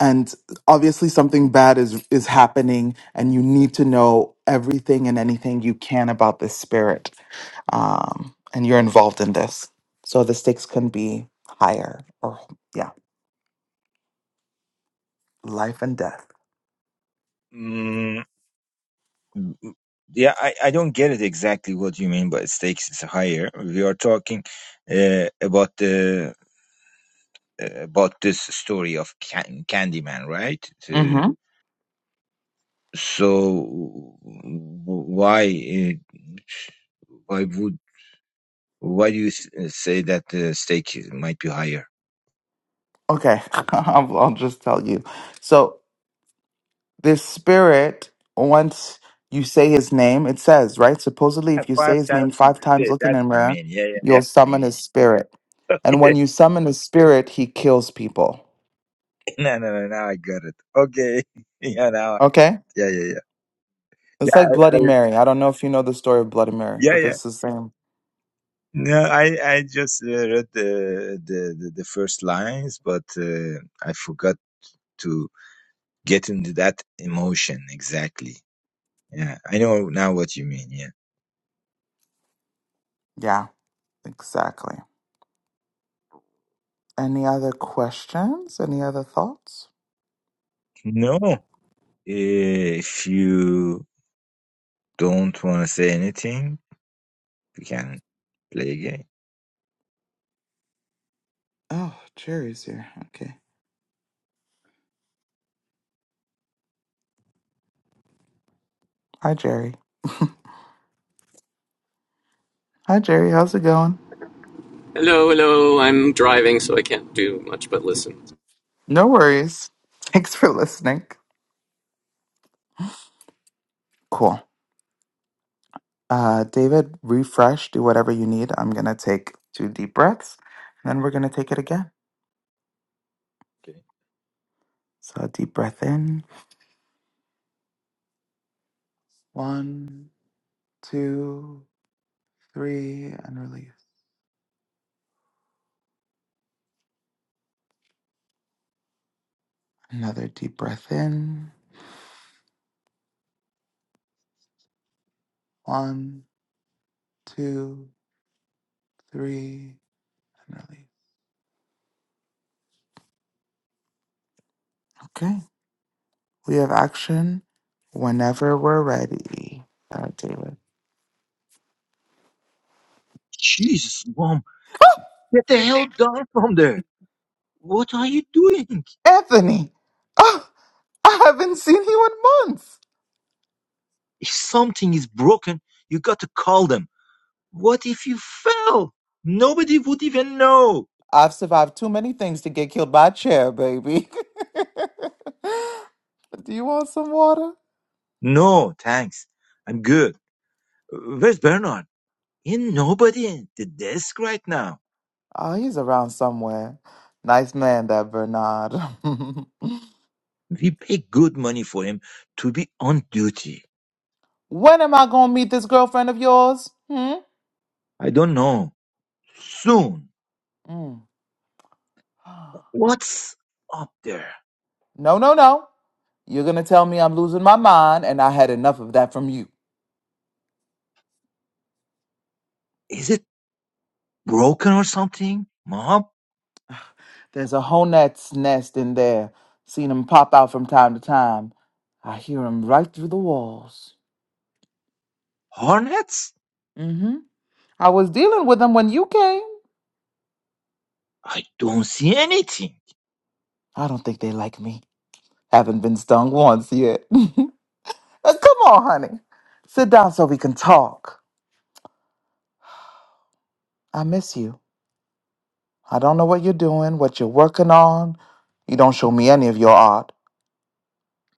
[SPEAKER 1] And obviously something bad is is happening, and you need to know everything and anything you can about this spirit. Um, and you're involved in this. So the stakes can be higher or yeah, life and death.
[SPEAKER 4] Mm, yeah, I, I don't get it exactly what you mean by stakes is higher. We are talking uh, about the uh, about this story of can- Candyman, right? Uh, so, w- why? Uh, why would Why do you s- uh, say that the stake might be higher?
[SPEAKER 1] Okay, I'll, I'll just tell you. So, this spirit, once you say his name, it says, right? Supposedly,
[SPEAKER 4] Uh,
[SPEAKER 1] if you say
[SPEAKER 4] Five
[SPEAKER 1] his name
[SPEAKER 4] times you
[SPEAKER 1] five times,
[SPEAKER 4] did
[SPEAKER 1] look in
[SPEAKER 4] that.
[SPEAKER 1] a
[SPEAKER 4] You
[SPEAKER 1] mirror,
[SPEAKER 4] mean? Yeah, yeah,
[SPEAKER 1] you'll summon his spirit. And
[SPEAKER 4] yeah.
[SPEAKER 1] when you summon his spirit, he kills people.
[SPEAKER 4] no, no, no. Now I got it. Okay. yeah, now.
[SPEAKER 1] Okay?
[SPEAKER 4] Yeah, yeah, yeah. Yeah,
[SPEAKER 1] It's
[SPEAKER 4] I,
[SPEAKER 1] like Bloody
[SPEAKER 4] I,
[SPEAKER 1] Mary. I don't know if you know the story of Bloody Mary,
[SPEAKER 4] yeah,
[SPEAKER 1] but
[SPEAKER 4] yeah.
[SPEAKER 1] this is the same.
[SPEAKER 4] No, I, I just uh, read the, the the the first lines, but uh, I forgot to get into that emotion exactly. Yeah, I know now what you mean. Yeah.
[SPEAKER 1] Yeah, exactly. Any other questions? Any other thoughts?
[SPEAKER 4] No, if you don't want to say anything, we can play again.
[SPEAKER 1] Oh, Jerry's here. Okay. Hi, Jerry. Hi, Jerry. How's it going?
[SPEAKER 5] Hello, hello. I'm driving, so I can't do much but listen.
[SPEAKER 1] No worries. Thanks for listening. Cool. Uh, David, refresh, do whatever you need. I'm going to take two deep breaths and then we're going to take it again.
[SPEAKER 4] Okay.
[SPEAKER 1] So, a deep breath in. One, two, three, and release. Another deep breath in. One, two, three, and release. Okay. We have action whenever we're ready. Uh, David.
[SPEAKER 4] Jesus, mom, get the hell down from there. What are you doing?
[SPEAKER 1] Anthony! Oh, I haven't seen you in months!
[SPEAKER 4] If something is broken, you got to call them. What if you fell? Nobody would even know.
[SPEAKER 1] I've survived too many things to get killed by a chair, baby. Do you want some water?
[SPEAKER 4] No, thanks. I'm good. Uh, Where's Bernard? Ain't nobody in the desk right now.
[SPEAKER 1] Oh, he's around somewhere. Nice man, that Bernard.
[SPEAKER 4] We pay good money for him to be on duty.
[SPEAKER 1] when am I gonna meet this girlfriend of yours? Hmm?
[SPEAKER 4] I don't know. Soon.
[SPEAKER 1] Mm.
[SPEAKER 4] What's up there?
[SPEAKER 1] No, no, no. You're gonna tell me I'm losing my mind, and I had enough of that from you.
[SPEAKER 4] Is it? broken or something? Mom?
[SPEAKER 1] There's a hornet's nest in there. Seen 'em pop out from time to time. I hear 'em right through the walls.
[SPEAKER 4] Hornets?
[SPEAKER 1] Mm-hmm. I was dealing with 'em when you came.
[SPEAKER 4] I don't see anything.
[SPEAKER 1] I don't think they like me. Haven't been stung once yet. Uh, Come on, honey. Sit down so we can talk. I miss you. I don't know what you're doing, what you're working on. You don't show me any of your art.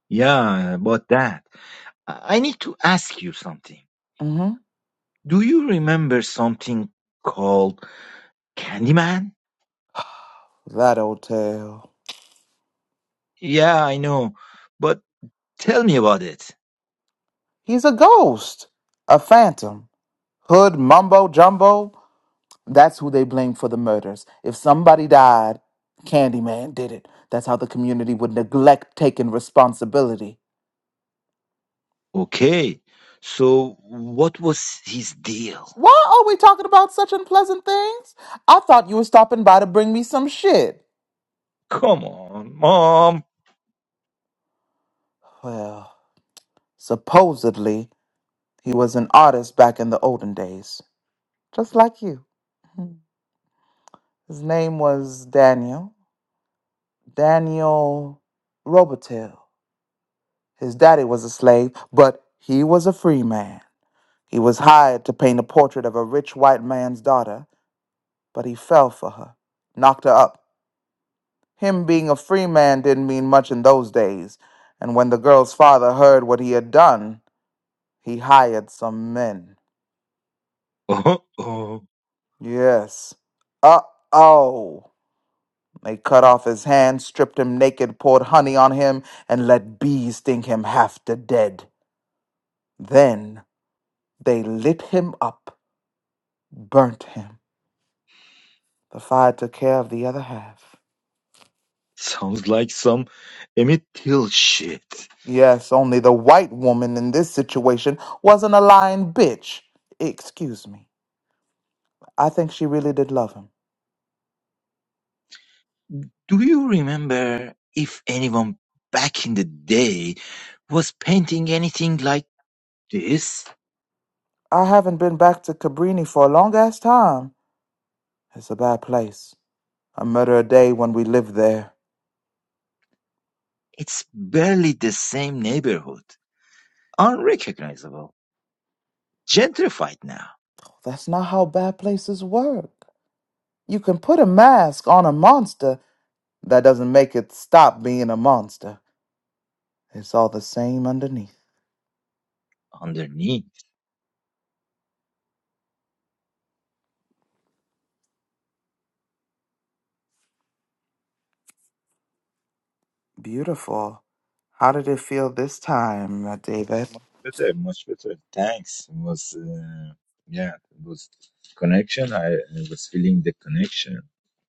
[SPEAKER 4] Yeah, about that. I I need to ask you something.
[SPEAKER 1] Mm-hmm.
[SPEAKER 4] Do you remember something called Candyman?
[SPEAKER 1] That old tale.
[SPEAKER 4] Yeah, I know. But tell me about it.
[SPEAKER 1] He's a ghost, a phantom, hood mumbo jumbo. That's who they blame for the murders. If somebody died, Candyman did it. That's how the community would neglect taking responsibility.
[SPEAKER 4] Okay. So what was his deal?
[SPEAKER 1] Why are we talking about such unpleasant things? I thought you were stopping by to bring me some shit.
[SPEAKER 4] Come on, Mom.
[SPEAKER 1] Well, supposedly, he was an artist back in the olden days, just like you. His name was Daniel. Daniel Robitel. His daddy was a slave, but he was a free man. He was hired to paint a portrait of a rich white man's daughter, but he fell for her, knocked her up, Him being a free man didn't mean much in those days, and when the girl's father heard what he had done, he hired some men.
[SPEAKER 4] Uh-oh.
[SPEAKER 1] Yes. Uh oh. They cut off his hands, stripped him naked, poured honey on him, and let bees sting him half to dead. Then they lit him up, burnt him. The fire took care of the other half.
[SPEAKER 4] Sounds like some Emmett Till shit.
[SPEAKER 1] Yes, only the white woman in this situation wasn't a lying bitch. Excuse me. I think she really did love him.
[SPEAKER 4] Do you remember if anyone back in the day was painting anything like this?
[SPEAKER 1] I haven't been back to Cabrini for a long ass time. It's a bad place. A murder a day when we lived there.
[SPEAKER 4] It's barely the same neighborhood. Unrecognizable. Gentrified now.
[SPEAKER 1] That's not how bad places work. You can put a mask on a monster. That doesn't make it stop being a monster. It's all the same underneath.
[SPEAKER 4] Underneath.
[SPEAKER 1] Beautiful. How did it feel this time, uh,
[SPEAKER 4] Uh,
[SPEAKER 1] David?
[SPEAKER 4] Much better, much better. Thanks. It was, uh, yeah, it was connection. I, I was feeling the connection.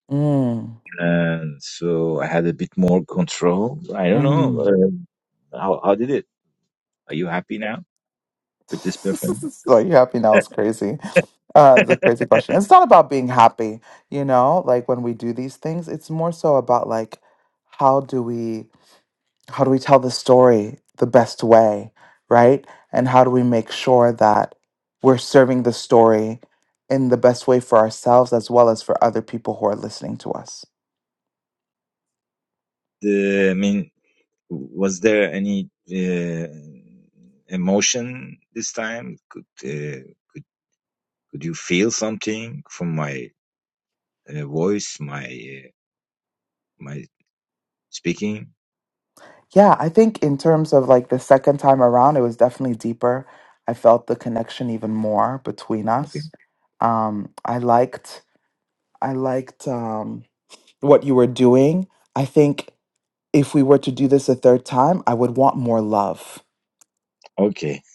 [SPEAKER 1] Mm.
[SPEAKER 4] And so I had a bit more control. I don't know.
[SPEAKER 1] Mm.
[SPEAKER 4] Uh, how, how did it? Are you happy now? with this performance.
[SPEAKER 1] so you happy now is crazy. Uh, it's a crazy question. It's not about being happy, you know. Like when we do these things, it's more so about like how do we how do we tell the story the best way, right? And how do we make sure that we're serving the story in the best way for ourselves as well as for other people who are listening to us.
[SPEAKER 4] The, I mean, was there any uh, emotion this time? Could uh, could you feel something from my uh, voice, my uh, my speaking?
[SPEAKER 1] Yeah, I think in terms of like the second time around, it was definitely deeper. I felt the connection even more between
[SPEAKER 4] Okay,
[SPEAKER 1] us. Um, I liked, I liked um, what you were doing. I think if we were to do this a third time, I would want more love.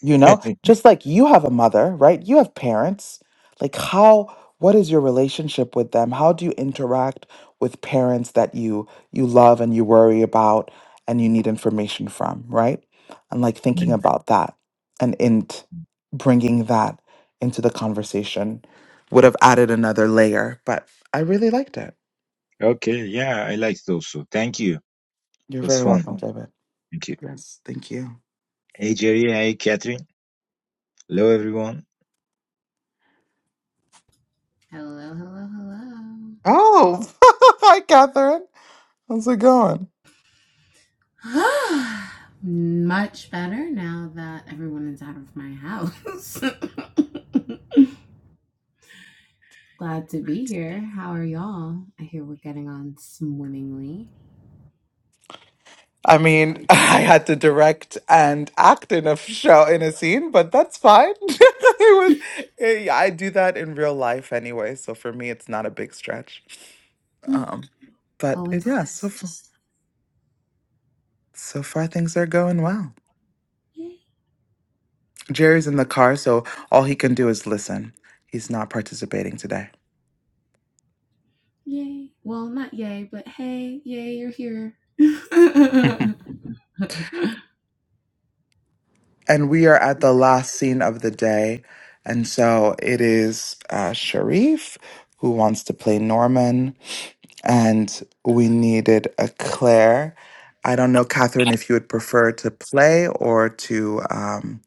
[SPEAKER 1] You know, just like you have a mother, right? You have parents. Like, how, what is your relationship with them? How do you interact with parents that you you love and you worry about and you need information from, right? And like thinking about that and in t- bringing that into the conversation would have added another layer, but I really liked it.
[SPEAKER 4] okay. yeah, I liked it also. Thank you.
[SPEAKER 1] You're
[SPEAKER 4] It was
[SPEAKER 1] very
[SPEAKER 4] fun.
[SPEAKER 1] welcome, David.
[SPEAKER 4] Thank you.
[SPEAKER 1] Yes, thank you.
[SPEAKER 4] Hey Jerry, hey Catherine. Hello everyone.
[SPEAKER 6] Hello, hello,
[SPEAKER 1] Oh, hi, Catherine. How's it going?
[SPEAKER 6] hello. Much better now that everyone is out of my house. Glad to be here. How are y'all? I hear we're getting on swimmingly.
[SPEAKER 1] I mean, I had to direct and act in a show in a scene, but that's fine. it was eh, I do that in real life anyway, so for me it's not a big stretch.
[SPEAKER 6] Mm,
[SPEAKER 1] Um, but it,
[SPEAKER 6] Always
[SPEAKER 1] yeah, so
[SPEAKER 6] just
[SPEAKER 1] far, so far things are going well.
[SPEAKER 6] yay,
[SPEAKER 1] Jerry's in the car, so all he can do is listen. He's not participating today.
[SPEAKER 6] yay. Well, not yay, but hey, yay, you're here. oh,
[SPEAKER 1] and we are at the last scene of the day. And so it is uh, Sharif who wants to play Norman. and we needed a Claire. I don't know, Catherine, if you would prefer to play or to um,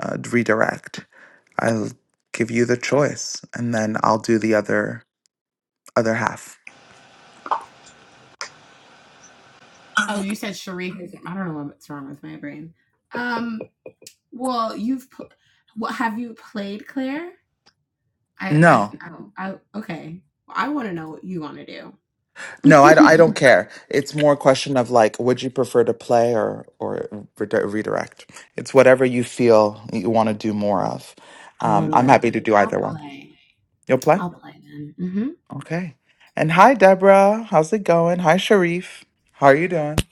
[SPEAKER 1] uh, redirect. I'll give you the choice, and then I'll do the other other half.
[SPEAKER 6] you said Sharika. I don't know what's wrong with my brain. Um, well, you've pl- what have you played, Claire? I I
[SPEAKER 1] No,
[SPEAKER 6] I, don't, I okay. I want to know what you want to do. no,
[SPEAKER 1] no, I, d- I
[SPEAKER 6] I
[SPEAKER 1] don't
[SPEAKER 6] don't.
[SPEAKER 1] care. It's more a question of like, would you prefer to play or or redi- redirect? It's whatever you feel you want to do more of.
[SPEAKER 6] What
[SPEAKER 1] Um,
[SPEAKER 6] do
[SPEAKER 1] I'm
[SPEAKER 6] I want
[SPEAKER 1] happy
[SPEAKER 6] to
[SPEAKER 1] to
[SPEAKER 6] do?
[SPEAKER 1] do
[SPEAKER 6] I'll
[SPEAKER 1] either one.
[SPEAKER 6] play.
[SPEAKER 1] You'll play.
[SPEAKER 6] I'll play then. hmm
[SPEAKER 1] Okay. And hi, Deborah. How's it going? Hi, Sharif. How are you doing?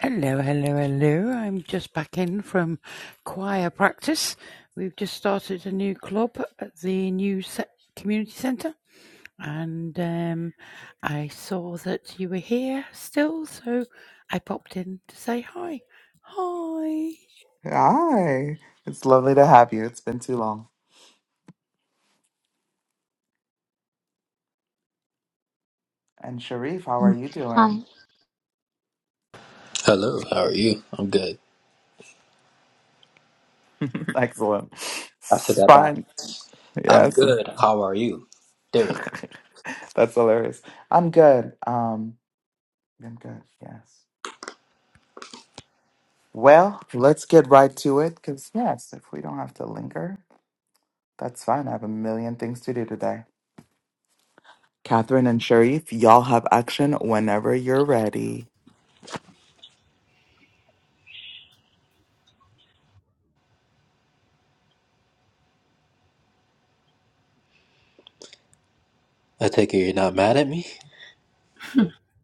[SPEAKER 7] Hello, hello, hello. I'm just back in from choir practice. We've just started a new club at the new se- community centre, and um, I saw that you were here still, so I popped in to say hi. Hi.
[SPEAKER 1] Hi. It's lovely to have you. It's been too long. And Sharif, how are
[SPEAKER 2] Mm.
[SPEAKER 1] you
[SPEAKER 2] hi
[SPEAKER 1] doing?
[SPEAKER 8] Hello, how are you? I'm good.
[SPEAKER 1] Excellent.
[SPEAKER 8] I said
[SPEAKER 1] It's
[SPEAKER 8] that back.
[SPEAKER 1] fine.
[SPEAKER 8] I'm
[SPEAKER 1] Yes.
[SPEAKER 8] good. How are you? There we go.
[SPEAKER 1] That's hilarious. I'm good. Um, I'm good. Yes. Well, let's get right to it because, yes, if we don't have to linger, that's fine. I have a million things to do today. Catherine and Sharif, y'all have action whenever you're ready.
[SPEAKER 8] I take it you're not mad at me?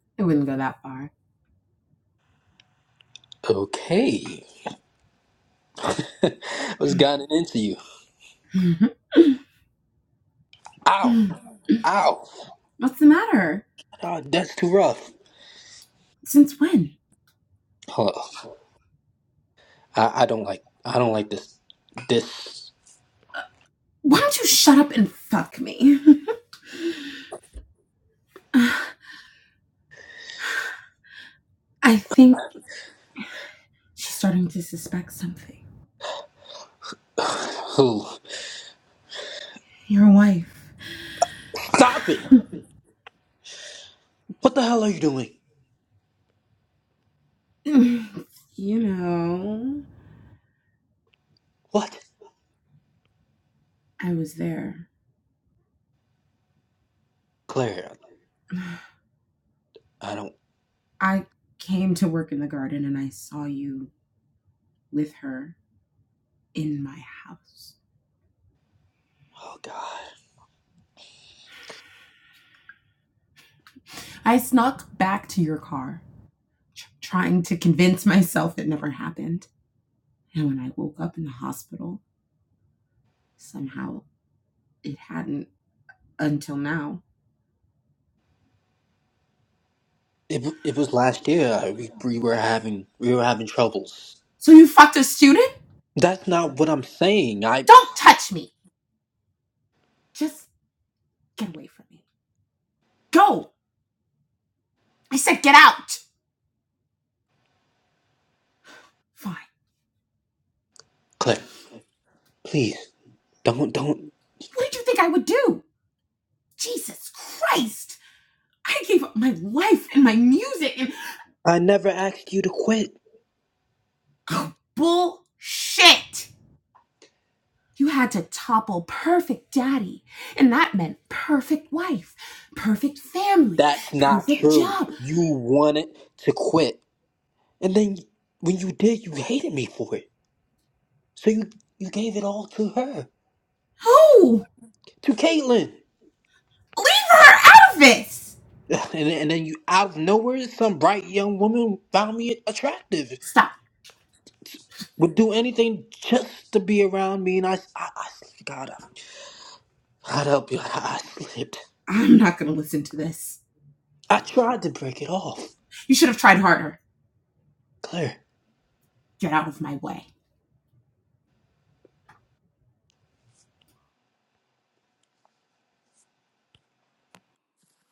[SPEAKER 6] it wouldn't go that far.
[SPEAKER 8] Okay. What's gotten into you? Ow! Ow!
[SPEAKER 6] What's the matter?
[SPEAKER 8] Ah, that's too rough.
[SPEAKER 6] Since when?
[SPEAKER 8] Hold I, I don't like I don't like this this
[SPEAKER 6] Why don't you shut up and fuck me? Uh, I think she's starting to suspect something.
[SPEAKER 8] Who?
[SPEAKER 6] Your wife.
[SPEAKER 8] Stop it! What the hell are you doing?
[SPEAKER 6] you know,
[SPEAKER 8] What?
[SPEAKER 6] I was there.
[SPEAKER 8] Claire, I don't
[SPEAKER 6] I came to work in the garden and I saw you with her in my house.
[SPEAKER 8] oh god.
[SPEAKER 6] I snuck back to your car, tr- trying to convince myself it never happened. And when I woke up in the hospital, somehow it hadn't until now.
[SPEAKER 8] It, it was last year I, we, we were having we were having troubles.
[SPEAKER 6] So you fucked a student?
[SPEAKER 8] That's not what I'm saying. I
[SPEAKER 6] Don't touch me. Just get away from me. Go. I said get out. Fine.
[SPEAKER 8] Claire. Please, don't, don't.
[SPEAKER 6] What did you think I would do? Jesus Christ. I gave up my life and my music
[SPEAKER 8] I never asked you to quit.
[SPEAKER 6] and bullshit. You had to topple perfect daddy, and that meant perfect wife, perfect family,
[SPEAKER 8] That's not
[SPEAKER 6] perfect
[SPEAKER 8] true.
[SPEAKER 6] job.
[SPEAKER 8] You wanted to quit. And then when you did, you hated me for it. So you, you gave it all to her,
[SPEAKER 6] Who?
[SPEAKER 8] to Caitlyn.
[SPEAKER 6] Leave her out of this!
[SPEAKER 8] Ugh, And, then- and then you, out of nowhere, some bright young woman found me attractive.
[SPEAKER 6] Stop.
[SPEAKER 8] Would do anything just to be around me. And I, I, I God, I, God help you. I, I slipped.
[SPEAKER 6] I'm not going to listen to this.
[SPEAKER 8] I tried to break it off.
[SPEAKER 6] You should have tried harder.
[SPEAKER 8] Claire.
[SPEAKER 6] Get out of my way.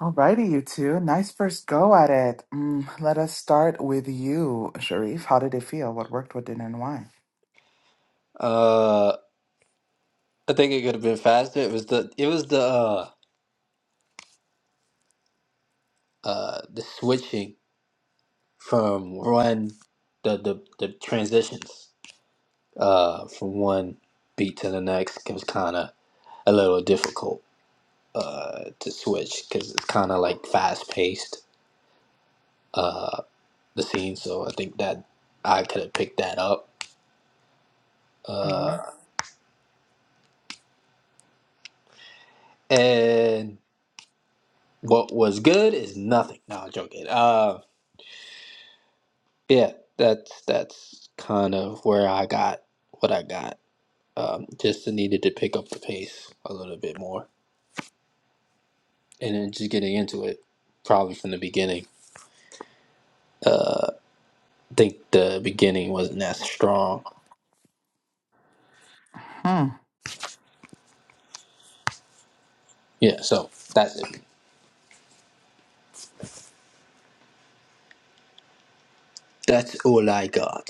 [SPEAKER 1] Alrighty, you two. Nice first go at it. Mm, let us start with you, Sharif. How did it feel? What worked, what didn't, and why?
[SPEAKER 8] Uh, I think it could have been faster. It was the, it was the, uh, uh, the switching from one the the, the transitions uh, from one beat to the next was kind of a little difficult uh, to switch because it's kind of like fast paced the scene. So I think that I could have picked that up.
[SPEAKER 1] hmm
[SPEAKER 8] Uh, and what was good is nothing. No, I'm joking. Uh, yeah, that's that's kind of where I got what I got. Um, just needed to pick up the pace a little bit more. and then just getting into it probably from the beginning. Uh, I think the beginning wasn't that strong.
[SPEAKER 1] Hmm.
[SPEAKER 8] Yeah, so that's it. That's all I got.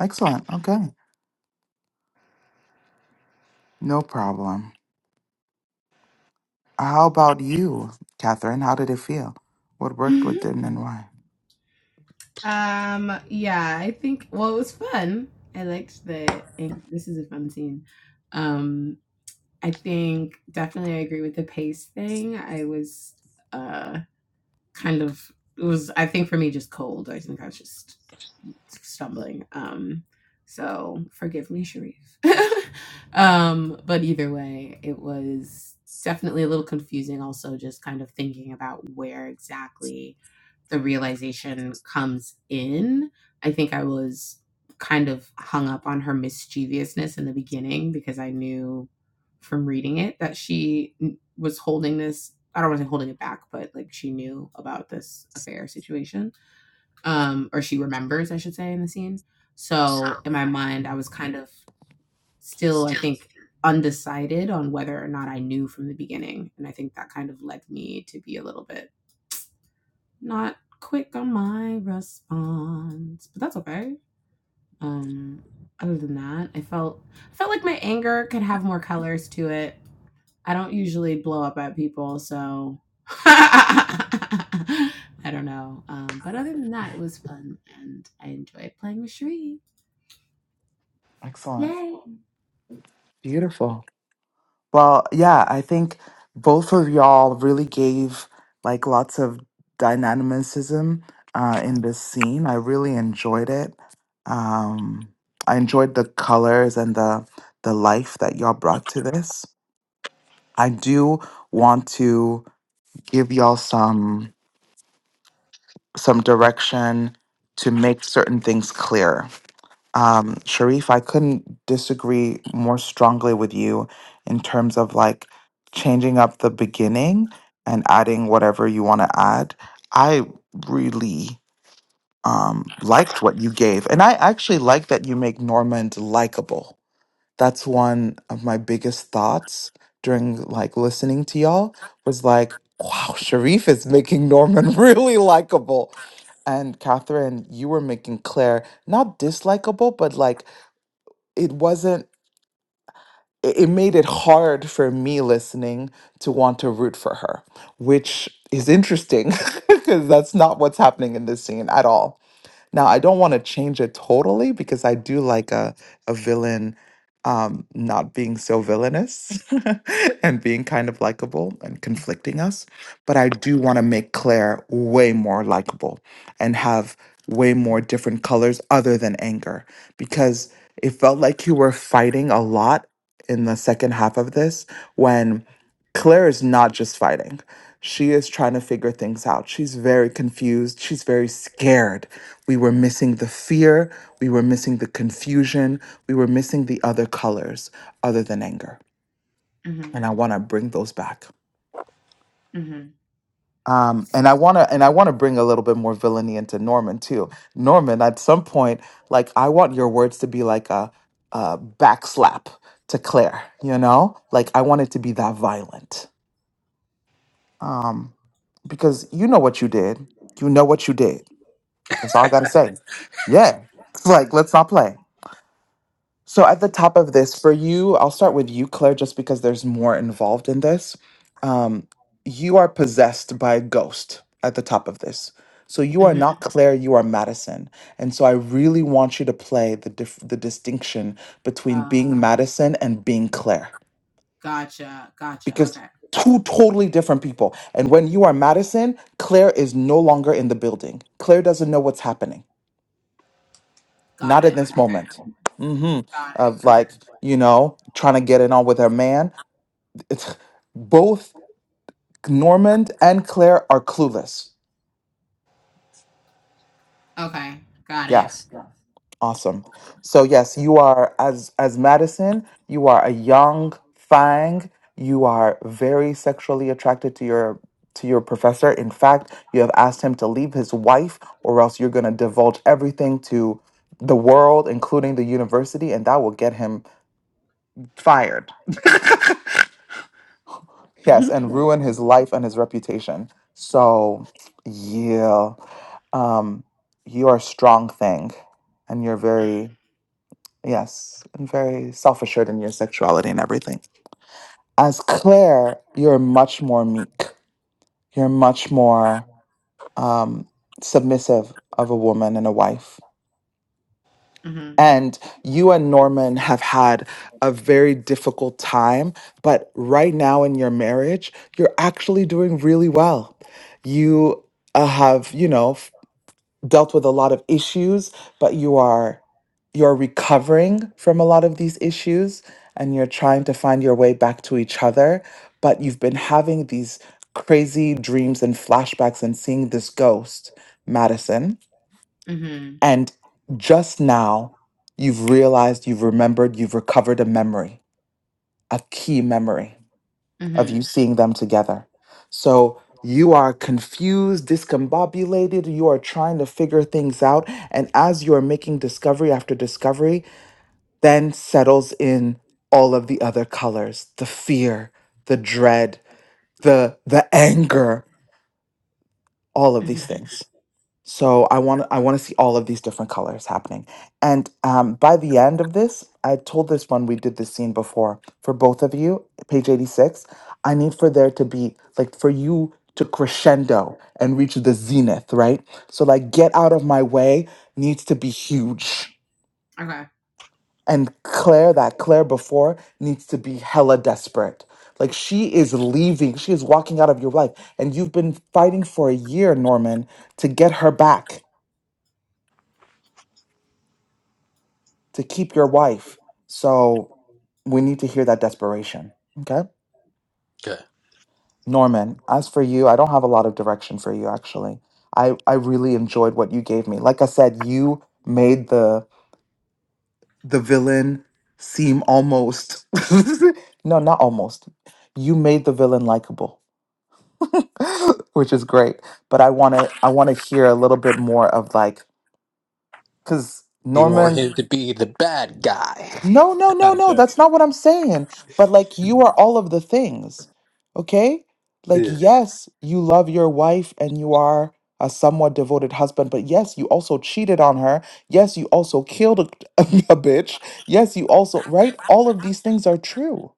[SPEAKER 1] Excellent. Okay. No problem. How about you, Catherine? How did it feel? What worked,
[SPEAKER 6] Hmm.
[SPEAKER 1] what didn't, and why?
[SPEAKER 6] Um, yeah, I think well it was fun. I liked the this is a fun scene. Um, I think definitely I agree with the pace thing. I was uh kind of it was I think for me just cold. I think I was just stumbling. Um so forgive me, Sharif. um, but either way, it was definitely a little confusing also just kind of thinking about where exactly the realization comes in. I think I was kind of hung up on her mischievousness in the beginning because I knew from reading it that she was holding this. I don't want to say holding it back, but like she knew about this affair situation, um, or she remembers, I should say, in the scene. So in my mind, I
[SPEAKER 1] Mm,
[SPEAKER 6] was kind of still, I think, undecided on whether or not I knew from the beginning, and I think that kind of led me to be a little bit not quick on my response, but that's okay. Um, other than that, I felt I felt like my anger could have more colors to it. I don't usually blow up at people, so I don't know. Um, but other than that, it was fun, and I enjoyed playing with Sheree.
[SPEAKER 1] Excellent.
[SPEAKER 6] Yay!
[SPEAKER 1] Beautiful. Well, yeah, I think both of y'all really gave like lots of dynamism uh, in this scene. I really enjoyed it. Um, I enjoyed the colors and the the life that y'all brought to this. I do want to give y'all some some direction to make certain things clear Um, Sharif, I couldn't disagree more strongly with you in terms of like changing up the beginning and adding whatever you want to add. I really um, liked what you gave. And I actually like that you make Normand likable. That's one of my biggest thoughts during like listening to y'all was like, wow, Sharif is making Norman really likable. And Catherine, you were making Claire not dislikable, but like it wasn't it it made it hard for me listening to want to root for her which is interesting because that's not what's happening in this scene at all now, I don't want to change it totally because I do like a, a villain um, not being so villainous and being kind of likable and conflicting us. But I do want to make Claire way more likable and have way more different colors other than anger because it felt like you were fighting a lot in the second half of this when Claire is not just fighting. She is trying to figure things out. She's very confused. She's very scared we were missing the fear. We were missing the confusion. We were missing the other colors other than anger.
[SPEAKER 6] hmm
[SPEAKER 1] And I want to bring those back.
[SPEAKER 6] hmm
[SPEAKER 1] Um, and I want to, and I want to bring a little bit more villainy into Norman too. Norman, at some point, like I want your words to be like a, a backslap to Claire. You know, like I want it to be that violent. Um, because you know what you did. You know what you did. That's all I gotta say. Yeah. like let's not play. So, at the top of this, for you, I'll start with you, Claire, just because there's more involved in this. Um, you are possessed by a ghost at the top of this. So, you are
[SPEAKER 6] hmm
[SPEAKER 1] not Claire, you are Madison. And so, I really want you to play the, dif- the distinction between
[SPEAKER 6] Uh,
[SPEAKER 1] being Madison and being Claire,
[SPEAKER 6] gotcha, gotcha.
[SPEAKER 1] because
[SPEAKER 6] Okay,
[SPEAKER 1] two totally different people. And when you are Madison, Claire is no longer in the building, Claire doesn't know what's happening.
[SPEAKER 6] got
[SPEAKER 1] not at
[SPEAKER 6] it.
[SPEAKER 1] this
[SPEAKER 6] Okay,
[SPEAKER 1] moment hmm
[SPEAKER 6] got
[SPEAKER 1] of
[SPEAKER 6] it. Okay,
[SPEAKER 1] like you know trying to get it on with her man it's, both normand and claire are clueless
[SPEAKER 6] okay, got it.
[SPEAKER 1] yes awesome so yes you are as as madison you are a young fang you are very sexually attracted to your to your professor in fact you have asked him to leave his wife or else you're going to divulge everything to the world including the university and that will get him fired Yes, and ruin his life and his reputation. So, yeah, um, you are a strong thing, and you're very yes, and very self assured in your sexuality and everything. As Claire, you're much more meek. You're much more um, submissive of a woman and a wife.
[SPEAKER 6] hmm
[SPEAKER 1] And you and Norman have had a very difficult time, but right now in your marriage, you're actually doing really well. You uh, have, you know, f- dealt with a lot of issues, but you are you're recovering from a lot of these issues and you're trying to find your way back to each other, but you've been having these crazy dreams and flashbacks and seeing this ghost, Madison
[SPEAKER 6] hmm
[SPEAKER 1] and just now, you've realized, you've remembered, you've recovered a memory, a key memory of
[SPEAKER 6] hmm
[SPEAKER 1] you seeing them together. So you are confused, discombobulated, you are trying to figure things out. And as you are making discovery after discovery, then settles in all of the other colors the fear, the dread, the, the anger, all of
[SPEAKER 6] hmm
[SPEAKER 1] these things. So I want I want to see all of these different colors happening. And um, by the end of this, I told this one we did this scene before for both of you, page eighty six. I need for there to be like for you to crescendo and reach the zenith, right? So like get out of my way needs to be huge.
[SPEAKER 6] Okay.
[SPEAKER 1] And Claire, that Claire before needs to be hella desperate. Like she is leaving, she is walking out of your life. And you've been fighting for a year, Norman, to get her back to keep your wife. So we need to hear that desperation. Okay.
[SPEAKER 8] Okay.
[SPEAKER 1] Norman, as for you, I don't have a lot of direction for you actually. I, I really enjoyed what you gave me. Like I said, you made the the villain seem almost no, not almost. You made the villain likable, which is great. But I wanna I wanna hear a little bit more of like because
[SPEAKER 8] You want
[SPEAKER 1] Norman
[SPEAKER 8] him to be the bad guy.
[SPEAKER 1] No, no, no,
[SPEAKER 8] I'm
[SPEAKER 1] no.
[SPEAKER 8] joking.
[SPEAKER 1] That's not what I'm saying. But like, you are all of the things. Okay? Like,
[SPEAKER 8] Yeah.
[SPEAKER 1] yes, you love your wife and you are a somewhat devoted husband, but yes, you also cheated on her. Yes, you also killed a, a bitch. Yes, you also, right? All of these things are true.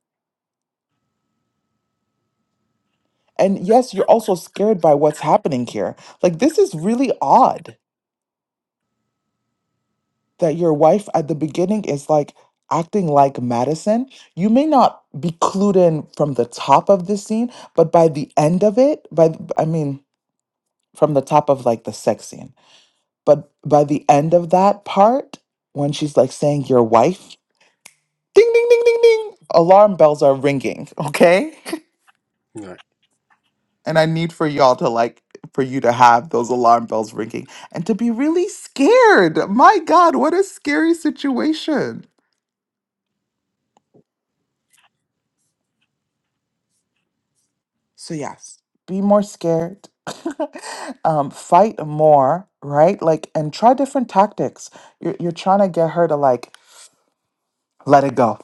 [SPEAKER 1] And yes, you're also scared by what's happening here. Like, this is really odd. that your wife at the beginning is like acting like Madison. You may not be clued in from the top of the scene, but by the end of it, by th- I mean from the top of like the sex scene, but by the end of that part, when she's like saying your wife, ding ding ding ding ding, alarm bells are ringing. Okay,
[SPEAKER 8] All right.
[SPEAKER 1] and I need for y'all to like for you to have those alarm bells ringing and to be really scared. My God, what a scary situation So, yes, be more scared, um, fight more, right? Like, and try different tactics. You're, you're trying to get her to like let it go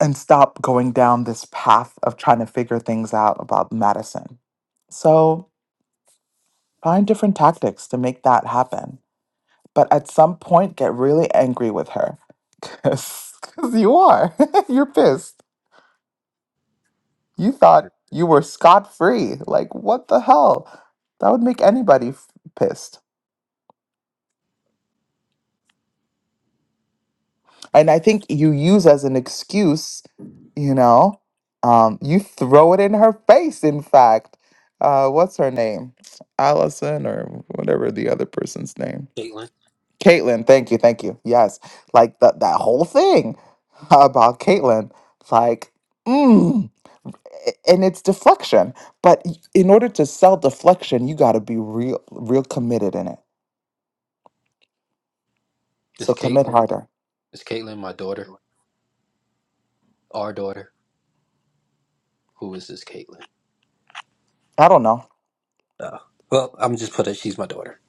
[SPEAKER 1] and stop going down this path of trying to figure things out about Madison. So, find different tactics to make that happen. But at some point, get really angry with her because you are. You're pissed. You thought you were scot free. Like, what the hell? That would make anybody f- pissed. and I think you use as an excuse, you know, um, you throw it in her face. In fact, uh, what's her name, Allison or whatever the other person's name,
[SPEAKER 8] Caitlin.
[SPEAKER 1] Caitlin. Thank you, thank you. Yes, like that that whole thing about Caitlin, like, mm, a- and it's deflection. But y- in order to sell deflection, you got to be real, real committed in it.
[SPEAKER 8] Is
[SPEAKER 1] So commit
[SPEAKER 8] Caitlin.
[SPEAKER 1] harder.
[SPEAKER 8] Is Caitlin my daughter? Our daughter? Who is this Caitlin?
[SPEAKER 1] I don't know.
[SPEAKER 8] Oh. Well, I'm just put it. She's my daughter.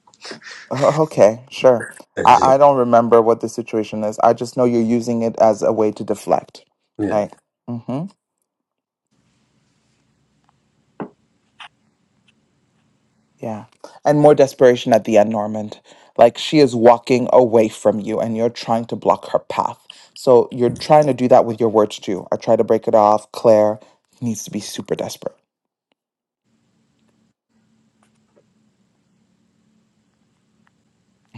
[SPEAKER 1] Oh, Okay, sure.
[SPEAKER 8] That
[SPEAKER 1] I,
[SPEAKER 8] is it.
[SPEAKER 1] I don't remember what the situation is. I just know you're using it as a way to deflect,
[SPEAKER 8] Yeah.
[SPEAKER 1] right? Mm-hmm. Yeah. And more desperation at the end, Normand. Like she is walking away from you and you're trying to block her path. So you're trying to do that with your words too. I try to break it off. Claire needs to be super desperate.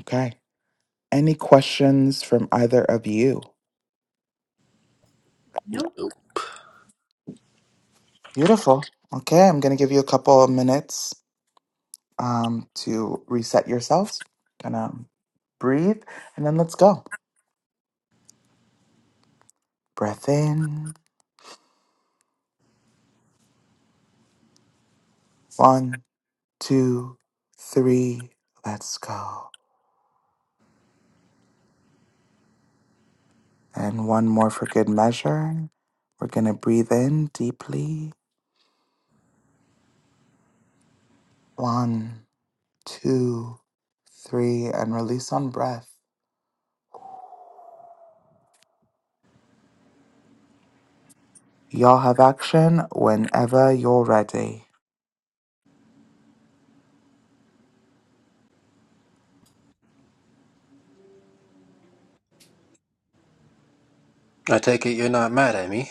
[SPEAKER 1] Okay. Any questions from either of you?
[SPEAKER 6] Nope.
[SPEAKER 1] Beautiful. Okay, I'm going to give you a couple of minutes um, to reset yourselves. Gonna breathe and then let's go. Breath in. One, two, three. Let's go. And one more for good measure. We're going to breathe in deeply. One, two, three, and release on breath. Y'all have action whenever you're ready.
[SPEAKER 8] I take it you're not mad at me.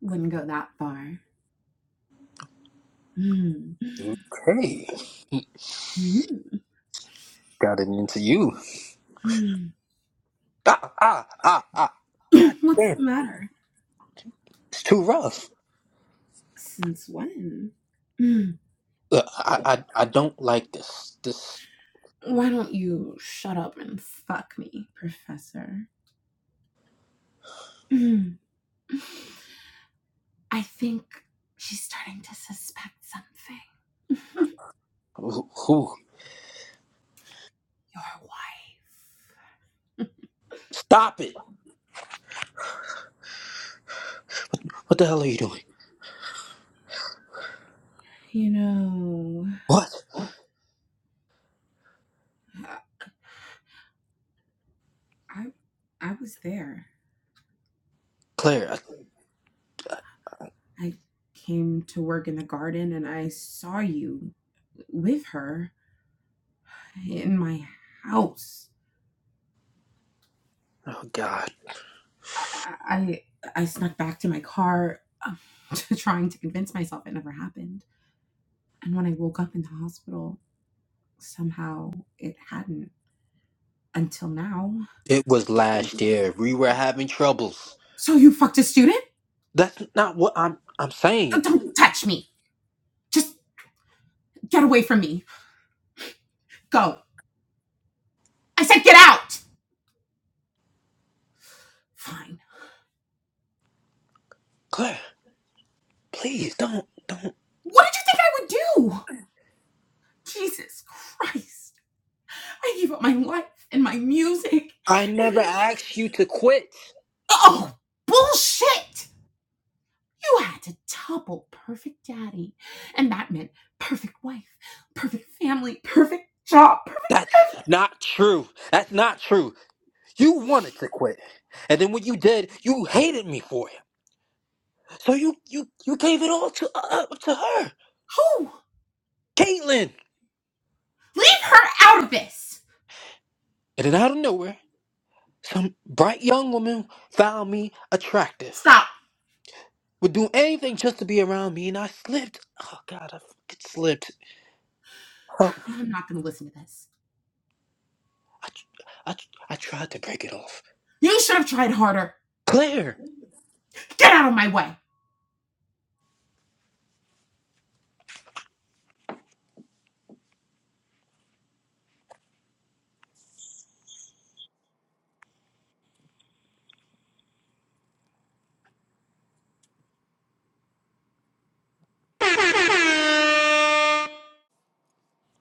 [SPEAKER 6] Wouldn't go that far. Hmm.
[SPEAKER 8] Hey.
[SPEAKER 6] Hmm.
[SPEAKER 8] Got it into you. Ah, ah, ah, ah. God
[SPEAKER 6] What's the
[SPEAKER 8] damn.
[SPEAKER 6] matter?
[SPEAKER 8] It's too rough.
[SPEAKER 6] Since when? Hmm.
[SPEAKER 8] Look, I, I I don't like this. This
[SPEAKER 6] Why don't you shut up and fuck me, Professor? Hmm. I think she's starting to suspect something.
[SPEAKER 8] who? who-
[SPEAKER 6] Your wife.
[SPEAKER 8] Stop it! What the hell are you doing?
[SPEAKER 6] You know,
[SPEAKER 8] What,
[SPEAKER 6] I, I was there.
[SPEAKER 8] Claire? I,
[SPEAKER 6] I came to work in the garden and I saw you with her in my house.
[SPEAKER 8] oh God!
[SPEAKER 6] I I, I snuck back to my car, um, trying to convince myself it never happened. And when I woke up in the hospital, somehow it hadn't until now.
[SPEAKER 8] It was last year. We were having troubles.
[SPEAKER 6] So you fucked a student?
[SPEAKER 8] That's not what I'm I'm
[SPEAKER 6] Uh,
[SPEAKER 8] saying.
[SPEAKER 6] Don't touch me. Just get away from me. Go. I said get out. Fine.
[SPEAKER 8] Claire, please don't.
[SPEAKER 6] What did you think I would do? Jesus Christ. I gave up my life and my music.
[SPEAKER 8] I never
[SPEAKER 6] And-
[SPEAKER 8] asked you to quit.
[SPEAKER 6] Oh, bullshit. You had to double perfect daddy. And that meant perfect wife, perfect family, perfect job. Perfect...
[SPEAKER 8] That's not true. That's not true. You wanted to quit, and then when you did, you hated me for it. So you you you gave it all to uh, up to her,
[SPEAKER 6] Who?
[SPEAKER 8] Caitlin.
[SPEAKER 6] Leave her out of this!
[SPEAKER 8] And then out of nowhere. Some bright young woman found me attractive,
[SPEAKER 6] Stop.
[SPEAKER 8] would do anything just to be around me, and I slipped. Oh God, I fucking slipped. Help me!
[SPEAKER 6] I'm not going to listen to this.
[SPEAKER 8] I, I, I tried to break it off.
[SPEAKER 6] You should have tried harder.
[SPEAKER 8] Claire.
[SPEAKER 6] Get out of my way.